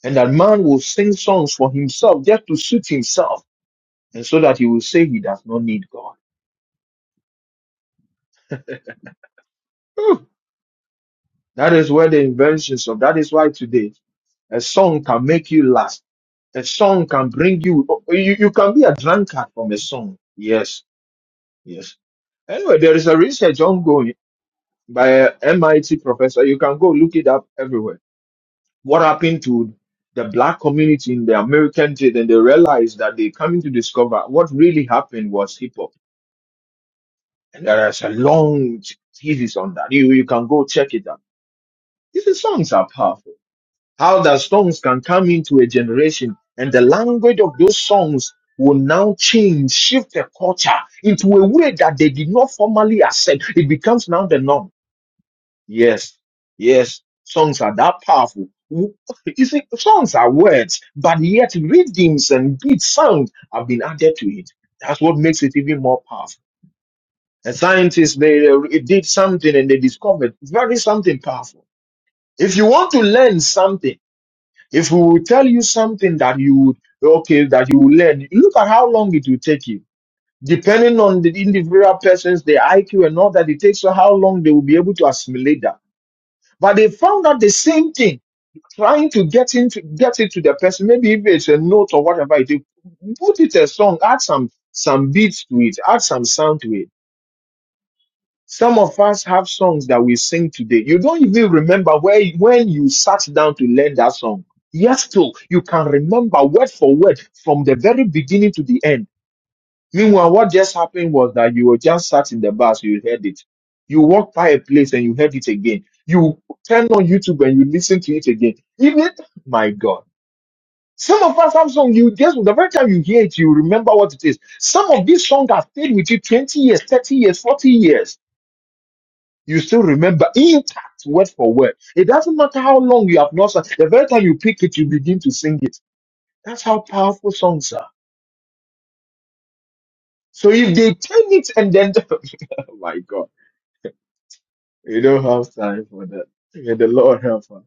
Speaker 2: And that man will sing songs for himself just to suit himself. And so that he will say he does not need God. Hmm. That is where the inventions of that is why today A song can make you last. A song can bring you, you, you can be a drunkard from a song. Yes, yes. Anyway, there is a research ongoing by a MIT professor. You can go look it up everywhere. What happened to the black community in the American state? And they realized that they coming to discover what really happened was hip hop. And there is a long thesis on that. You, you can go check it out. These songs are powerful. How that songs can come into a generation and the language of those songs will now change, shift the culture into a way that they did not formally accept. It becomes now the norm. Yes, yes, songs are that powerful. W- You see, songs are words, but yet rhythms and beat sound have been added to it. That's what makes it even more powerful. And scientists, they uh, did something and they discovered very something powerful. If you want to learn something, if we will tell you something that you would, okay, that you will learn, look at how long it will take you. Depending on the individual persons, their IQ and all that, it takes so how long they will be able to assimilate that. But they found out the same thing, trying to get into get it to the person. Maybe if it's a note or whatever it is, put it a song, add some some beats to it, add some sound to it. Some of us have songs that we sing today. You don't even remember where when you sat down to learn that song. Yet still, you can remember word for word from the very beginning to the end. Meanwhile, what just happened was that you were just sat in the bus, you heard it. You walked by a place and you heard it again. You turn on YouTube and you listen to it again. Even my God. Some of us have songs you just the very time you hear it, you remember what it is. Some of these songs have stayed with you 20 years, 30 years, 40 years you still remember intact word for word. It doesn't matter how long you have not sung. The very time you pick it, you begin to sing it. That's how powerful songs are. So if they turn it and then, oh my God, we don't have time for that. May the Lord help us.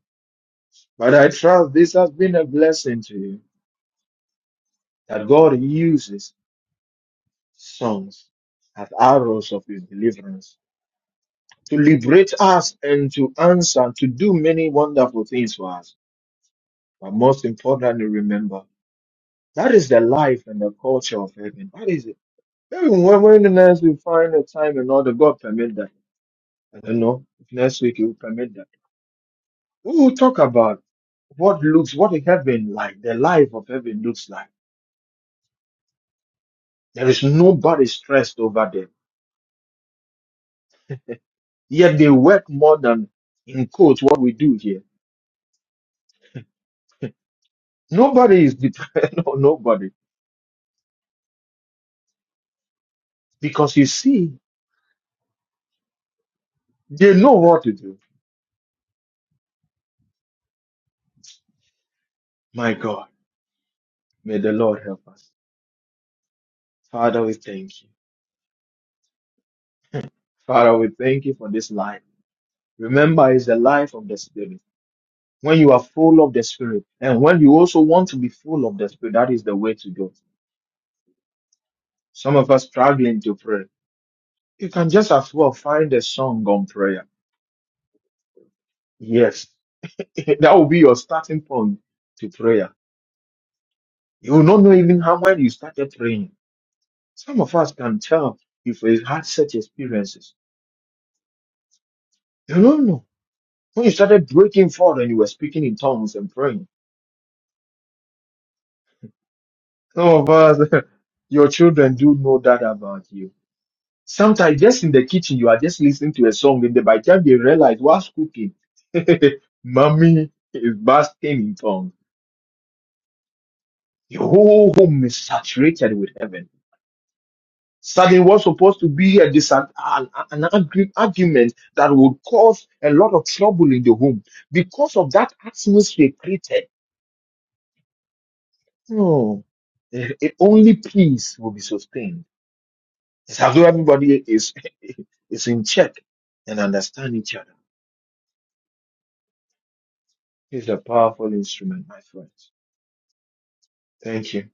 Speaker 2: But I trust this has been a blessing to you that God uses songs as arrows of His deliverance to liberate us and to answer to do many wonderful things for us. But most importantly, remember. That is the life and the culture of heaven. That is it. Maybe when, when the next we find the time and all the God permit that. I don't know if next week He will permit that. We will talk about what looks, what the heaven like, the life of heaven looks like. There is nobody stressed over them. Yet they work more than in quotes what we do here. Nobody is depressed, no, nobody. Because you see, they know what to do. My God, may the Lord help us. Father, we thank you. Father, we thank you for this life. Remember, it's the life of the Spirit. When you are full of the Spirit, and when you also want to be full of the Spirit, that is the way to go. Some of us struggling to pray. You can just as well find a song on prayer. Yes, that will be your starting point to prayer. You will not know even how when you started praying. Some of us can tell if we had such experiences. You don't know. When you started breaking forth and you were speaking in tongues and praying. Some of us, your children do know that about you Sometimes just in the kitchen, you are just listening to a song, and then by the time they realize what's cooking, mommy is basking in tongues. The whole home is saturated with heaven. Suddenly, what's supposed to be a dis- an, an argu- argument that would cause a lot of trouble in the home because of that atmosphere created. No, eh, eh, only peace will be sustained. It's as though everybody is is in check and understand each other. It's a powerful instrument, my friends. Thank you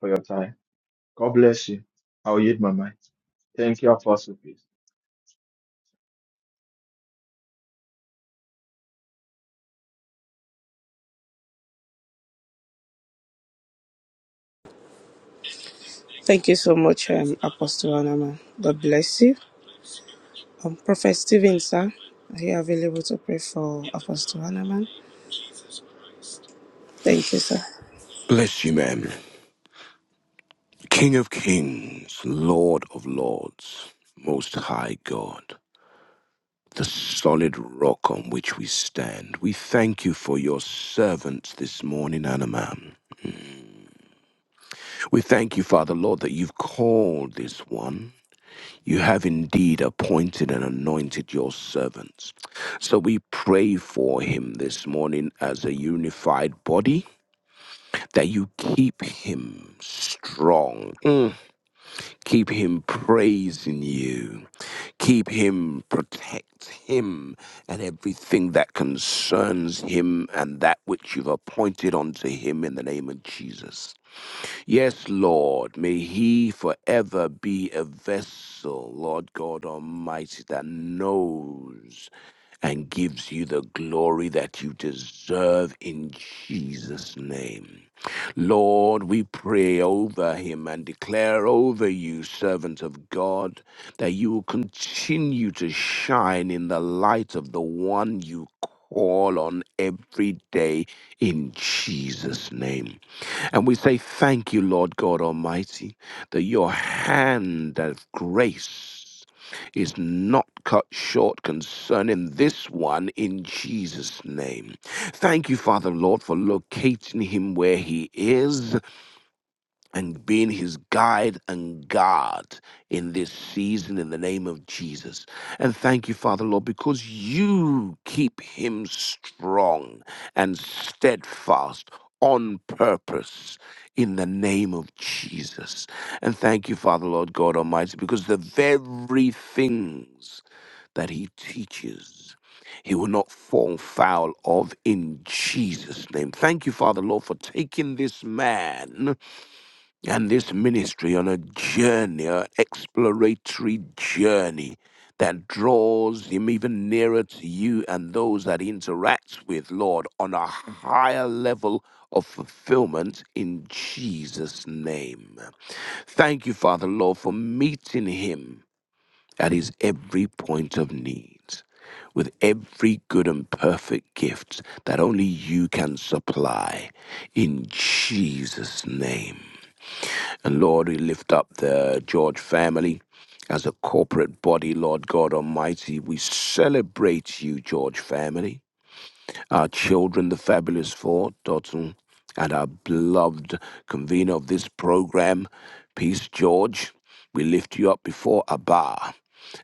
Speaker 2: for your time. God bless you. I'll yield my mind. Thank you, Apostle. Peace.
Speaker 3: Thank you so much, um, Apostle Anama. God bless you. Um, Prophet Stephen, sir, are you available to pray for Apostle Anaman? Thank you, sir.
Speaker 4: Bless you, man. King of kings, Lord of lords, most high God, the solid rock on which we stand. We thank you for your servants this morning, Anna. Anamam. We thank you, Father Lord, that you've called this one. You have indeed appointed and anointed your servants. So we pray for him this morning as a unified body, that you keep him strong. Mm. Keep him praising you. Keep him, protect him and everything that concerns him and that which you've appointed unto him in the name of Jesus. Yes, Lord, may he forever be a vessel, Lord God Almighty, that knows and gives you the glory that you deserve in Jesus' name. Lord, we pray over him and declare over you, servant of God, that you will continue to shine in the light of the one you call on every day in Jesus' name. And we say, Thank you, Lord God Almighty, that your hand of grace is not cut short concerning this one in Jesus' name. Thank you, Father Lord, for locating him where he is and being his guide and guard in this season in the name of Jesus. And thank you, Father Lord, because you keep him strong and steadfast on purpose in the name of Jesus. And thank you, Father Lord God Almighty, because the very things that he teaches. He will not fall foul of in Jesus' name. Thank you, Father Lord, for taking this man and this ministry on a journey, an exploratory journey that draws him even nearer to you and those that he interacts with, Lord, on a higher level of fulfillment in Jesus' name. Thank you, Father, Lord, for meeting him at his every point of need with every good and perfect gift that only you can supply in Jesus' name. And Lord, we lift up the George family as a corporate body, Lord God Almighty. We celebrate you, George family our children, the fabulous four, Dotson, and our beloved convener of this program, Peace George. We lift you up before Abba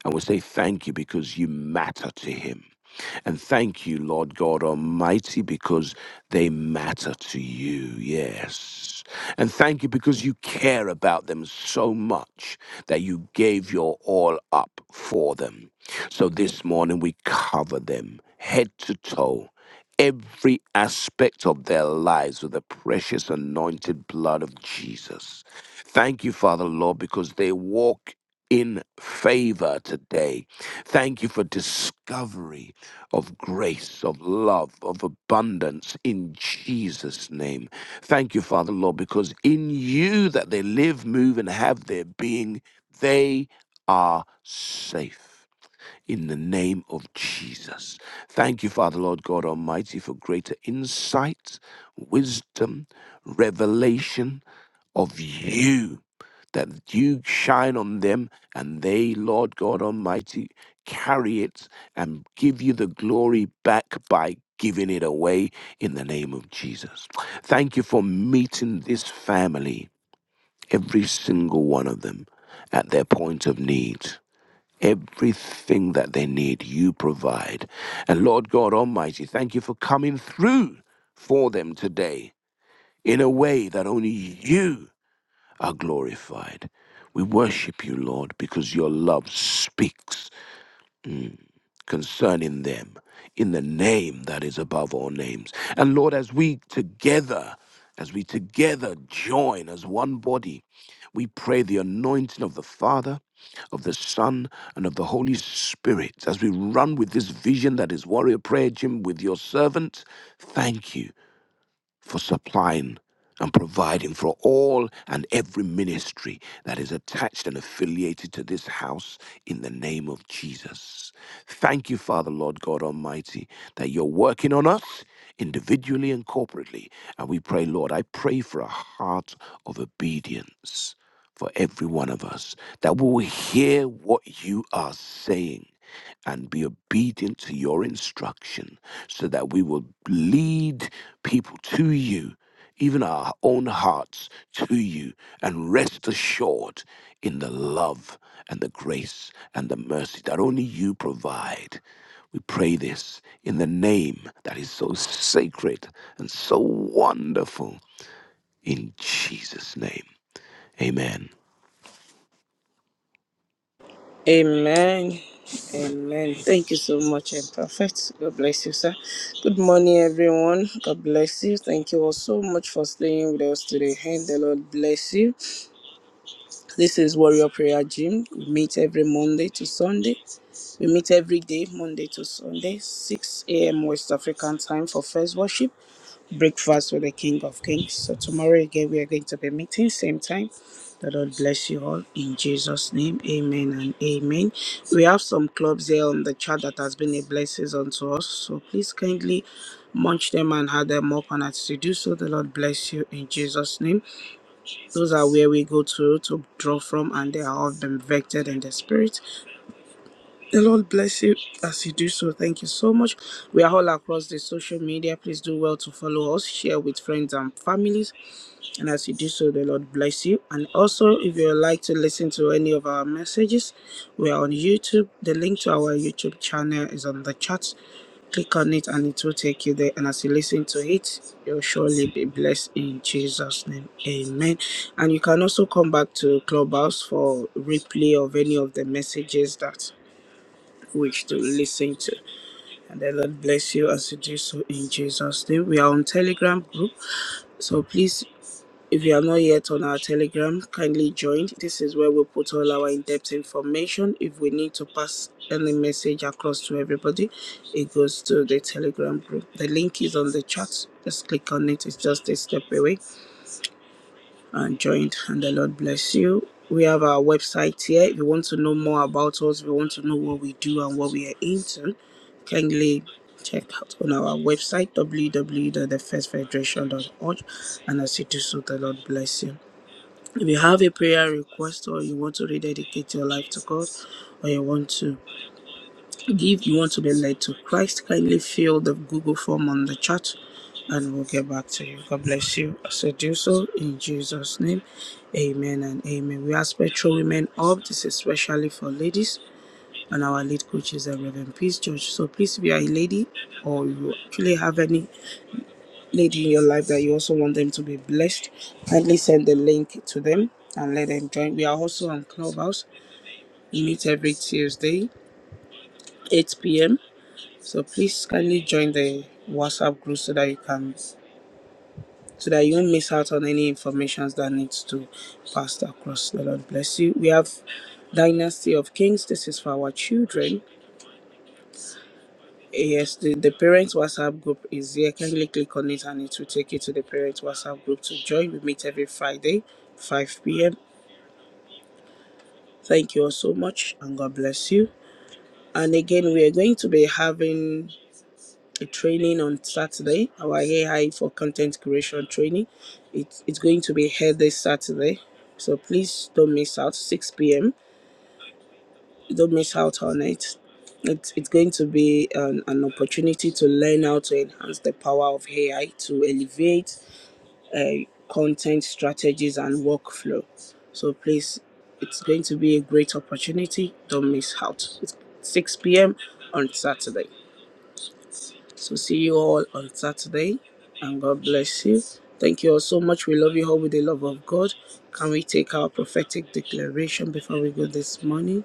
Speaker 4: and we say thank you because you matter to him. And thank you, Lord God Almighty, because they matter to you. Yes. And thank you because you care about them so much that you gave your all up for them. So this morning we cover them head to toe every aspect of their lives with the precious anointed blood of Jesus. Thank you, Father Lord, because they walk in favor today. Thank you for discovery of grace, of love, of abundance in Jesus' name. Thank you, Father Lord, because in you that they live, move, and have their being, they are safe in the name of Jesus. Thank you, Father, Lord God Almighty, for greater insight, wisdom, revelation of you, that you shine on them and they, Lord God Almighty, carry it and give you the glory back by. Giving it away in the name of Jesus. Thank you for meeting this family, every single one of them, at their point of need. Everything that they need, you provide. And Lord God Almighty, thank you for coming through for them today in a way that only you are glorified. We worship you, Lord, because your love speaks concerning them in the name that is above all names. And Lord, as we together, as we together join as one body, we pray the anointing of the Father, of the Son, and of the Holy Spirit as we run with this vision that is Warrior Prayer Gym with your servant. Thank you for supplying and providing for all and every ministry that is attached and affiliated to this house in the name of Jesus. Thank you, Father, Lord God Almighty, that you're working on us individually and corporately. And we pray, Lord, I pray for a heart of obedience for every one of us, that we will hear what you are saying and be obedient to your instruction so that we will lead people to you, even our own hearts to you, and rest assured in the love and the grace and the mercy that only you provide. We pray this in the name that is so sacred and so wonderful in Jesus' name. Amen.
Speaker 3: Amen. Amen. Thank you so much, and Prophet. God bless you, sir. Good morning, everyone. God bless you. Thank you all so much for staying with us today. And the Lord bless you. This is Warrior Prayer Gym. We meet every Monday to Sunday. We meet every day, Monday to Sunday, 6 a.m. West African time for first worship. breakfast with the King of Kings. So tomorrow again, we are going to be meeting same time. The Lord bless you all in Jesus' name. Amen and amen. We have some clubs here on the chat that has been a blessing unto us. So please kindly munch them and add them up. And as you do so, the Lord bless you in Jesus' name. Those are where we go to to draw from, and they are all been vected in the spirit. The Lord bless you as you do so. Thank you so much. We are all across the social media. Please do well to follow us, share with friends and families. And as you do so, the Lord bless you. And also, if you would like to listen to any of our messages, we are on YouTube. The link to our YouTube channel is on the chat. Click on it and it will take you there. And as you listen to it, you'll surely be blessed in Jesus' name. Amen. And you can also come back to Clubhouse for replay of any of the messages that which to listen to. And the Lord bless you as you do so in Jesus' name. We are on Telegram group, so please, if you are not yet on our Telegram, kindly join. This is where we put all our in-depth information. If we need to pass any message across to everybody, it goes to the Telegram group. The link is on the chat. Just click on it. It's just a step away and joined. And the Lord bless you. We have our website here. If you want to know more about us, if you want to know what we do and what we are into, kindly check out on our website w w w dot the first federation dot org. And as you do so, the Lord bless you. If you have a prayer request or you want to rededicate your life to God, or you want to if you want to be led to Christ, kindly fill the Google form on the chat and we'll get back to you. God bless you as you do so in Jesus' name. Amen and amen. We are spiritual women of this, is especially for ladies, and our lead coach is the Reverend Peace George. So please, if you are a lady or you actually have any lady in your life that you also want them to be blessed, kindly send the link to them and let them join. We are also on Clubhouse. We meet every Tuesday, 8 p.m. So please kindly join the WhatsApp group so that you can so that you won't miss out on any information that needs to pass across. The Lord bless you. We have Dynasty of Kings. This is for our children. Yes, the, the parents WhatsApp group is here. Kindly click on it and it will take you to the parents WhatsApp group to join. We meet every Friday, 5 p.m. Thank you all so much and God bless you. And again, we are going to be having a training on Saturday, our AI for content creation training. It's, it's going to be held this Saturday. So please don't miss out, 6 p.m. Don't miss out on it. It's, it's going to be an, an opportunity to learn how to enhance the power of AI to elevate uh, content strategies and workflow. So please, it's going to be a great opportunity. Don't miss out. It's 6 p.m. on Saturday. So see you all on Saturday and God bless you. Thank you all so much. We love you all with the love of God. Can we take our prophetic declaration before we go this morning?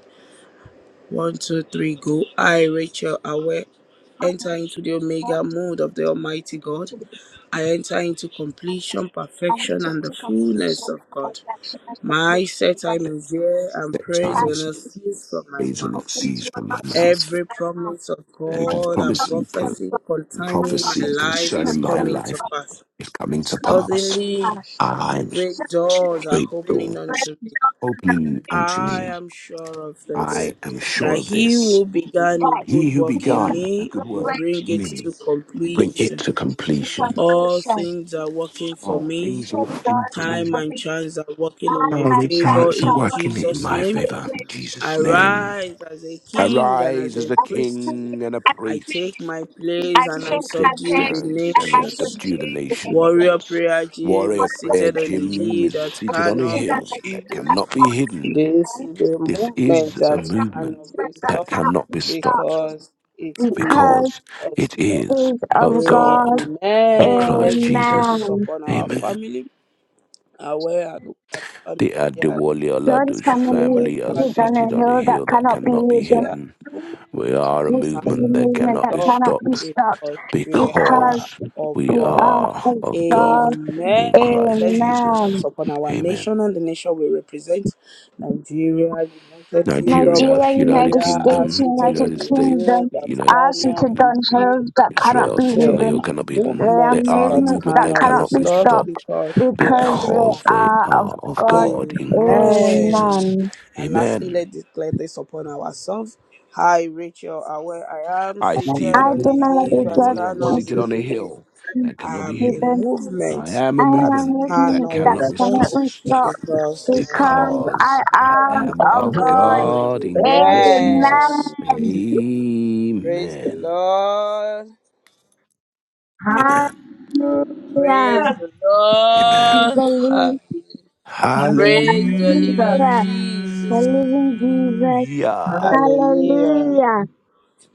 Speaker 3: One, two, three, go. I, Rachel Awe, enter into the Omega mode of the Almighty God. I enter into completion, perfection, and the fullness of God. My set time is here, and
Speaker 4: That
Speaker 3: praise
Speaker 4: time
Speaker 3: will
Speaker 4: is
Speaker 3: not cease from my
Speaker 4: praise will
Speaker 3: mouth.
Speaker 4: not cease from my mouth.
Speaker 3: Every promise of
Speaker 4: And it is
Speaker 3: God and
Speaker 4: promised
Speaker 3: prophecy concerning my
Speaker 4: prophecy
Speaker 3: life is
Speaker 4: concerning my
Speaker 3: coming to
Speaker 4: life
Speaker 3: pass.
Speaker 4: is coming to pass.
Speaker 3: Suddenly,
Speaker 4: I'm
Speaker 3: great doors are
Speaker 4: great
Speaker 3: opening
Speaker 4: doors
Speaker 3: unto me.
Speaker 4: opening unto
Speaker 3: I
Speaker 4: me.
Speaker 3: am sure of this,
Speaker 4: I am sure
Speaker 3: that
Speaker 4: of
Speaker 3: he who
Speaker 4: this.
Speaker 3: began
Speaker 1: that
Speaker 3: a
Speaker 4: He
Speaker 3: good
Speaker 4: who
Speaker 1: you
Speaker 3: work in
Speaker 4: began
Speaker 1: become
Speaker 4: a
Speaker 3: me
Speaker 1: the
Speaker 4: good
Speaker 3: will
Speaker 4: work
Speaker 1: great
Speaker 3: bring
Speaker 4: in
Speaker 3: it
Speaker 4: me,
Speaker 3: to
Speaker 4: bring it
Speaker 3: completion.
Speaker 4: to completion.
Speaker 3: All
Speaker 1: concentration.
Speaker 3: things are working for
Speaker 4: All
Speaker 3: me.
Speaker 4: things are
Speaker 1: Praise
Speaker 4: working
Speaker 1: our
Speaker 4: for
Speaker 1: God
Speaker 3: Time
Speaker 1: for
Speaker 4: me.
Speaker 3: and
Speaker 1: me.
Speaker 3: chance are working in
Speaker 1: God,
Speaker 3: my
Speaker 4: All
Speaker 1: my
Speaker 4: the
Speaker 1: shout,
Speaker 3: favor
Speaker 4: charts are
Speaker 3: in
Speaker 1: shower.
Speaker 4: working in
Speaker 3: Jesus'
Speaker 1: I
Speaker 4: my
Speaker 3: name.
Speaker 4: favor. In
Speaker 1: celebrate with
Speaker 3: I
Speaker 4: Jesus'
Speaker 1: Jesus' name.
Speaker 4: name.
Speaker 3: rise as a
Speaker 1: I as a
Speaker 3: king and as
Speaker 4: Arise
Speaker 3: a
Speaker 4: as a
Speaker 3: priest
Speaker 1: servant,
Speaker 4: king and a
Speaker 1: I
Speaker 3: I
Speaker 1: think
Speaker 3: take
Speaker 4: priest.
Speaker 3: my place
Speaker 1: I
Speaker 3: and
Speaker 4: I
Speaker 3: I
Speaker 1: think my
Speaker 4: take
Speaker 3: subdue the
Speaker 1: past
Speaker 4: thanks
Speaker 1: and
Speaker 4: and I
Speaker 1: I shall
Speaker 3: nations.
Speaker 4: subdue
Speaker 1: do
Speaker 4: the
Speaker 1: the next one. One
Speaker 3: Warrior
Speaker 4: nations.
Speaker 3: prayer gym
Speaker 4: Warrior
Speaker 1: of
Speaker 3: is
Speaker 1: the
Speaker 4: Prayer
Speaker 3: seated on the
Speaker 1: things
Speaker 4: Gym
Speaker 3: hill
Speaker 4: is
Speaker 3: that
Speaker 1: I
Speaker 4: seated on a
Speaker 1: see
Speaker 3: cannot
Speaker 1: that
Speaker 3: be
Speaker 4: hill
Speaker 1: I do
Speaker 4: that
Speaker 3: hidden.
Speaker 1: that
Speaker 4: cannot be
Speaker 1: fuck
Speaker 4: hidden.
Speaker 3: This
Speaker 1: right?
Speaker 3: is
Speaker 1: It's
Speaker 3: the
Speaker 4: This
Speaker 3: movement
Speaker 4: is a
Speaker 3: that
Speaker 4: movement
Speaker 3: cannot
Speaker 1: something
Speaker 3: be
Speaker 1: that
Speaker 4: that
Speaker 3: stopped
Speaker 1: cannot
Speaker 4: cannot
Speaker 1: be
Speaker 4: be stopped
Speaker 1: stopped.
Speaker 3: because it is
Speaker 1: Because
Speaker 4: because
Speaker 3: of
Speaker 4: it
Speaker 3: God.
Speaker 4: is
Speaker 1: is
Speaker 4: of
Speaker 1: of God.
Speaker 4: God in
Speaker 3: Amen.
Speaker 4: Christ
Speaker 3: Let's declare this
Speaker 4: Jesus.
Speaker 1: Amen.
Speaker 3: upon our
Speaker 4: Amen.
Speaker 3: family, aware and local
Speaker 4: The
Speaker 3: family as
Speaker 4: Adewale
Speaker 1: God's
Speaker 4: Oladoju
Speaker 3: hill
Speaker 1: family
Speaker 3: that
Speaker 4: family
Speaker 1: is
Speaker 4: are
Speaker 3: cannot
Speaker 1: on a
Speaker 4: seated
Speaker 3: be
Speaker 4: on a
Speaker 1: hill that
Speaker 4: hill that
Speaker 1: cannot be
Speaker 4: cannot be
Speaker 3: hidden.
Speaker 4: hidden.
Speaker 1: hidden.
Speaker 4: We are a
Speaker 1: This is a
Speaker 4: movement
Speaker 3: cannot
Speaker 4: that
Speaker 3: be
Speaker 1: movement
Speaker 4: cannot
Speaker 1: that
Speaker 4: be
Speaker 3: stopped
Speaker 1: cannot be
Speaker 4: stopped.
Speaker 1: stopped
Speaker 3: because we
Speaker 1: because
Speaker 3: are
Speaker 4: because
Speaker 3: of
Speaker 4: we
Speaker 1: we
Speaker 3: God.
Speaker 1: are
Speaker 4: are
Speaker 1: of
Speaker 4: of
Speaker 1: God.
Speaker 4: God in
Speaker 3: Amen.
Speaker 4: Christ
Speaker 3: Let's declare
Speaker 4: Jesus.
Speaker 3: this
Speaker 1: Amen.
Speaker 3: upon our
Speaker 4: Amen.
Speaker 3: nation and the nation we represent Nigeria, United Kingdom,
Speaker 4: Nigeria,
Speaker 1: Nigeria,
Speaker 4: United
Speaker 1: United
Speaker 3: Australia are
Speaker 1: States,
Speaker 4: Kingdom,
Speaker 3: seated
Speaker 1: United
Speaker 4: United
Speaker 3: on a
Speaker 4: States,
Speaker 1: Kingdom
Speaker 3: hill that
Speaker 4: United
Speaker 1: are
Speaker 3: cannot
Speaker 1: seated
Speaker 4: and,
Speaker 3: be
Speaker 1: on
Speaker 4: eh,
Speaker 3: hidden.
Speaker 1: hills that cannot
Speaker 4: Israel,
Speaker 1: be
Speaker 4: Sitting on
Speaker 3: There
Speaker 4: the Hill
Speaker 1: hidden.
Speaker 3: are
Speaker 4: cannot be
Speaker 1: They
Speaker 4: hidden.
Speaker 1: are
Speaker 4: They
Speaker 3: movements
Speaker 4: are a
Speaker 3: that
Speaker 1: movements
Speaker 4: movement
Speaker 1: that
Speaker 4: that
Speaker 3: cannot be
Speaker 1: cannot
Speaker 4: cannot
Speaker 1: be
Speaker 4: be
Speaker 3: stopped
Speaker 1: stopped
Speaker 4: stopped
Speaker 3: because they are
Speaker 1: because
Speaker 3: of
Speaker 4: because
Speaker 1: they
Speaker 4: they
Speaker 1: are of
Speaker 4: are of
Speaker 1: God.
Speaker 4: God in Christ
Speaker 3: Amen.
Speaker 4: Jesus.
Speaker 1: Amen.
Speaker 3: And lastly,
Speaker 4: Amen.
Speaker 3: let declare this upon ourselves. Hi, Rachel. uh, Where I am
Speaker 4: I,
Speaker 3: seated
Speaker 1: I
Speaker 4: Stephen,
Speaker 3: on
Speaker 1: do
Speaker 3: the
Speaker 1: not
Speaker 3: hill
Speaker 1: let
Speaker 4: Delia
Speaker 1: it
Speaker 3: that
Speaker 4: Diwali, am
Speaker 3: cannot
Speaker 4: seated
Speaker 3: be
Speaker 4: on a
Speaker 1: get
Speaker 3: hidden.
Speaker 4: hill that cannot
Speaker 3: I
Speaker 4: be
Speaker 3: am a
Speaker 4: hidden.
Speaker 1: hidden.
Speaker 4: I
Speaker 3: movement
Speaker 4: am
Speaker 1: I
Speaker 4: a
Speaker 3: that
Speaker 1: am
Speaker 4: movement
Speaker 1: listening
Speaker 4: that
Speaker 3: cannot
Speaker 1: that
Speaker 3: be
Speaker 4: cannot be
Speaker 1: cannot
Speaker 3: stopped
Speaker 4: stopped
Speaker 1: stop
Speaker 3: because I am
Speaker 1: because I
Speaker 4: because I
Speaker 3: God.
Speaker 1: am
Speaker 4: am
Speaker 1: of
Speaker 4: of
Speaker 1: God.
Speaker 4: God in Christ Jesus.
Speaker 3: Amen.
Speaker 1: Amen.
Speaker 3: Praise the
Speaker 4: Amen.
Speaker 3: Lord.
Speaker 4: Amen.
Speaker 3: Praise
Speaker 1: Hallelujah.
Speaker 3: the
Speaker 4: Amen.
Speaker 3: Lord.
Speaker 1: Believe.
Speaker 3: Praise the living
Speaker 1: Hallelujah. The
Speaker 3: Jesus.
Speaker 1: living Jesus.
Speaker 4: Hallelujah.
Speaker 3: Hallelujah.
Speaker 1: Hallelujah.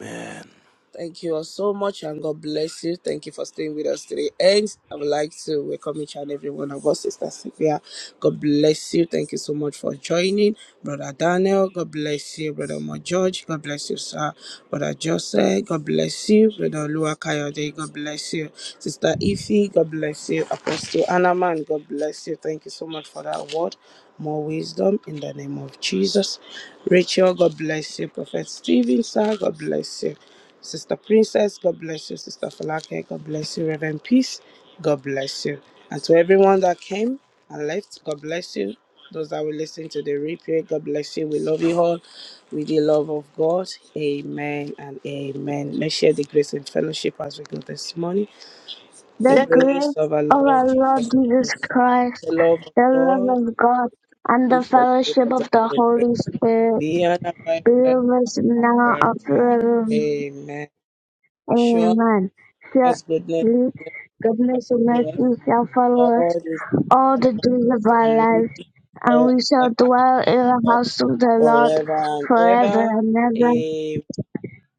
Speaker 4: Amen.
Speaker 3: Thank you all so much and God bless you. Thank you for staying with us today. And I would like to welcome each and every one of us, Sister Sylvia. God bless you. Thank you so much for joining. Brother Daniel, God bless you. Brother Mo George, God bless you, sir. Brother Joseph, God bless you. Brother Lua Kayode, God bless you. Sister Ife, God bless you. Apostle Anaman, God bless you. Thank you so much for that word. More wisdom in the name of Jesus. Rachel, God bless you. Prophet Stephen, sir, God bless you. Sister Princess, God bless you. Sister Falake, God bless you. Reverend Peace, God bless you. And to everyone that came and left, God bless you. Those that will listen to the replay, God bless you. We love you all with the love of God. Amen and amen. Let's share the grace and fellowship as we go this morning.
Speaker 1: The
Speaker 3: The grace
Speaker 1: grace
Speaker 3: of our
Speaker 1: of
Speaker 3: Lord
Speaker 1: our Lord
Speaker 3: Jesus
Speaker 1: Jesus
Speaker 3: Christ,
Speaker 1: Christ,
Speaker 3: the love of
Speaker 1: the love
Speaker 3: God,
Speaker 1: of God, and the
Speaker 3: and the fellowship
Speaker 1: fellowship
Speaker 3: of the
Speaker 1: of the
Speaker 3: Holy Spirit.
Speaker 1: Holy Spirit
Speaker 3: Be and abide
Speaker 1: be
Speaker 3: with us
Speaker 1: with
Speaker 3: now
Speaker 1: us
Speaker 3: and
Speaker 1: now and
Speaker 3: forevermore.
Speaker 1: forever.
Speaker 3: Amen. Surely.
Speaker 1: Amen.
Speaker 3: God's goodness
Speaker 1: Surely
Speaker 3: and
Speaker 1: goodness and
Speaker 3: mercy
Speaker 1: mercy shall
Speaker 3: shall
Speaker 1: follow
Speaker 3: follow us all
Speaker 1: us
Speaker 3: the days
Speaker 1: all
Speaker 3: of our
Speaker 1: the
Speaker 3: lives,
Speaker 1: days of
Speaker 3: and
Speaker 1: our
Speaker 3: we
Speaker 1: lives,
Speaker 3: will
Speaker 1: and
Speaker 3: dwell
Speaker 1: we
Speaker 3: in
Speaker 1: shall dwell in the
Speaker 3: the house
Speaker 1: house of the Lord
Speaker 3: forever and
Speaker 1: forever
Speaker 3: ever.
Speaker 1: and ever.
Speaker 3: Amen.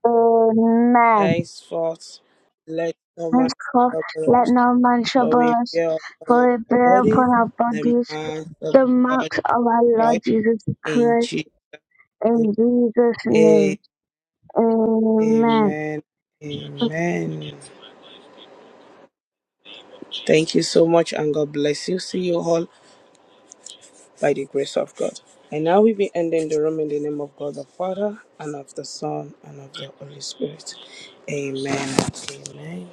Speaker 1: Amen.
Speaker 3: Henceforth, let no man
Speaker 1: Henceforth,
Speaker 3: trouble
Speaker 1: let
Speaker 3: us,
Speaker 1: no man
Speaker 3: for
Speaker 1: trouble
Speaker 3: we
Speaker 1: us,
Speaker 3: bear upon
Speaker 1: for we
Speaker 3: our
Speaker 1: bear upon
Speaker 3: bodies
Speaker 1: our
Speaker 3: the
Speaker 1: bodies
Speaker 3: marks of
Speaker 1: the
Speaker 3: God
Speaker 1: marks of our Lord
Speaker 3: Christ
Speaker 1: Jesus
Speaker 3: in
Speaker 1: Christ.
Speaker 3: Jesus.
Speaker 1: In Jesus'
Speaker 3: name,
Speaker 1: name, amen.
Speaker 3: Amen. Amen. Thank you so much, and God bless you. See you all. by the grace of God. And now we be ending the room in the name of God the Father, and of the Son, and of the Holy Spirit. Amen. Amen.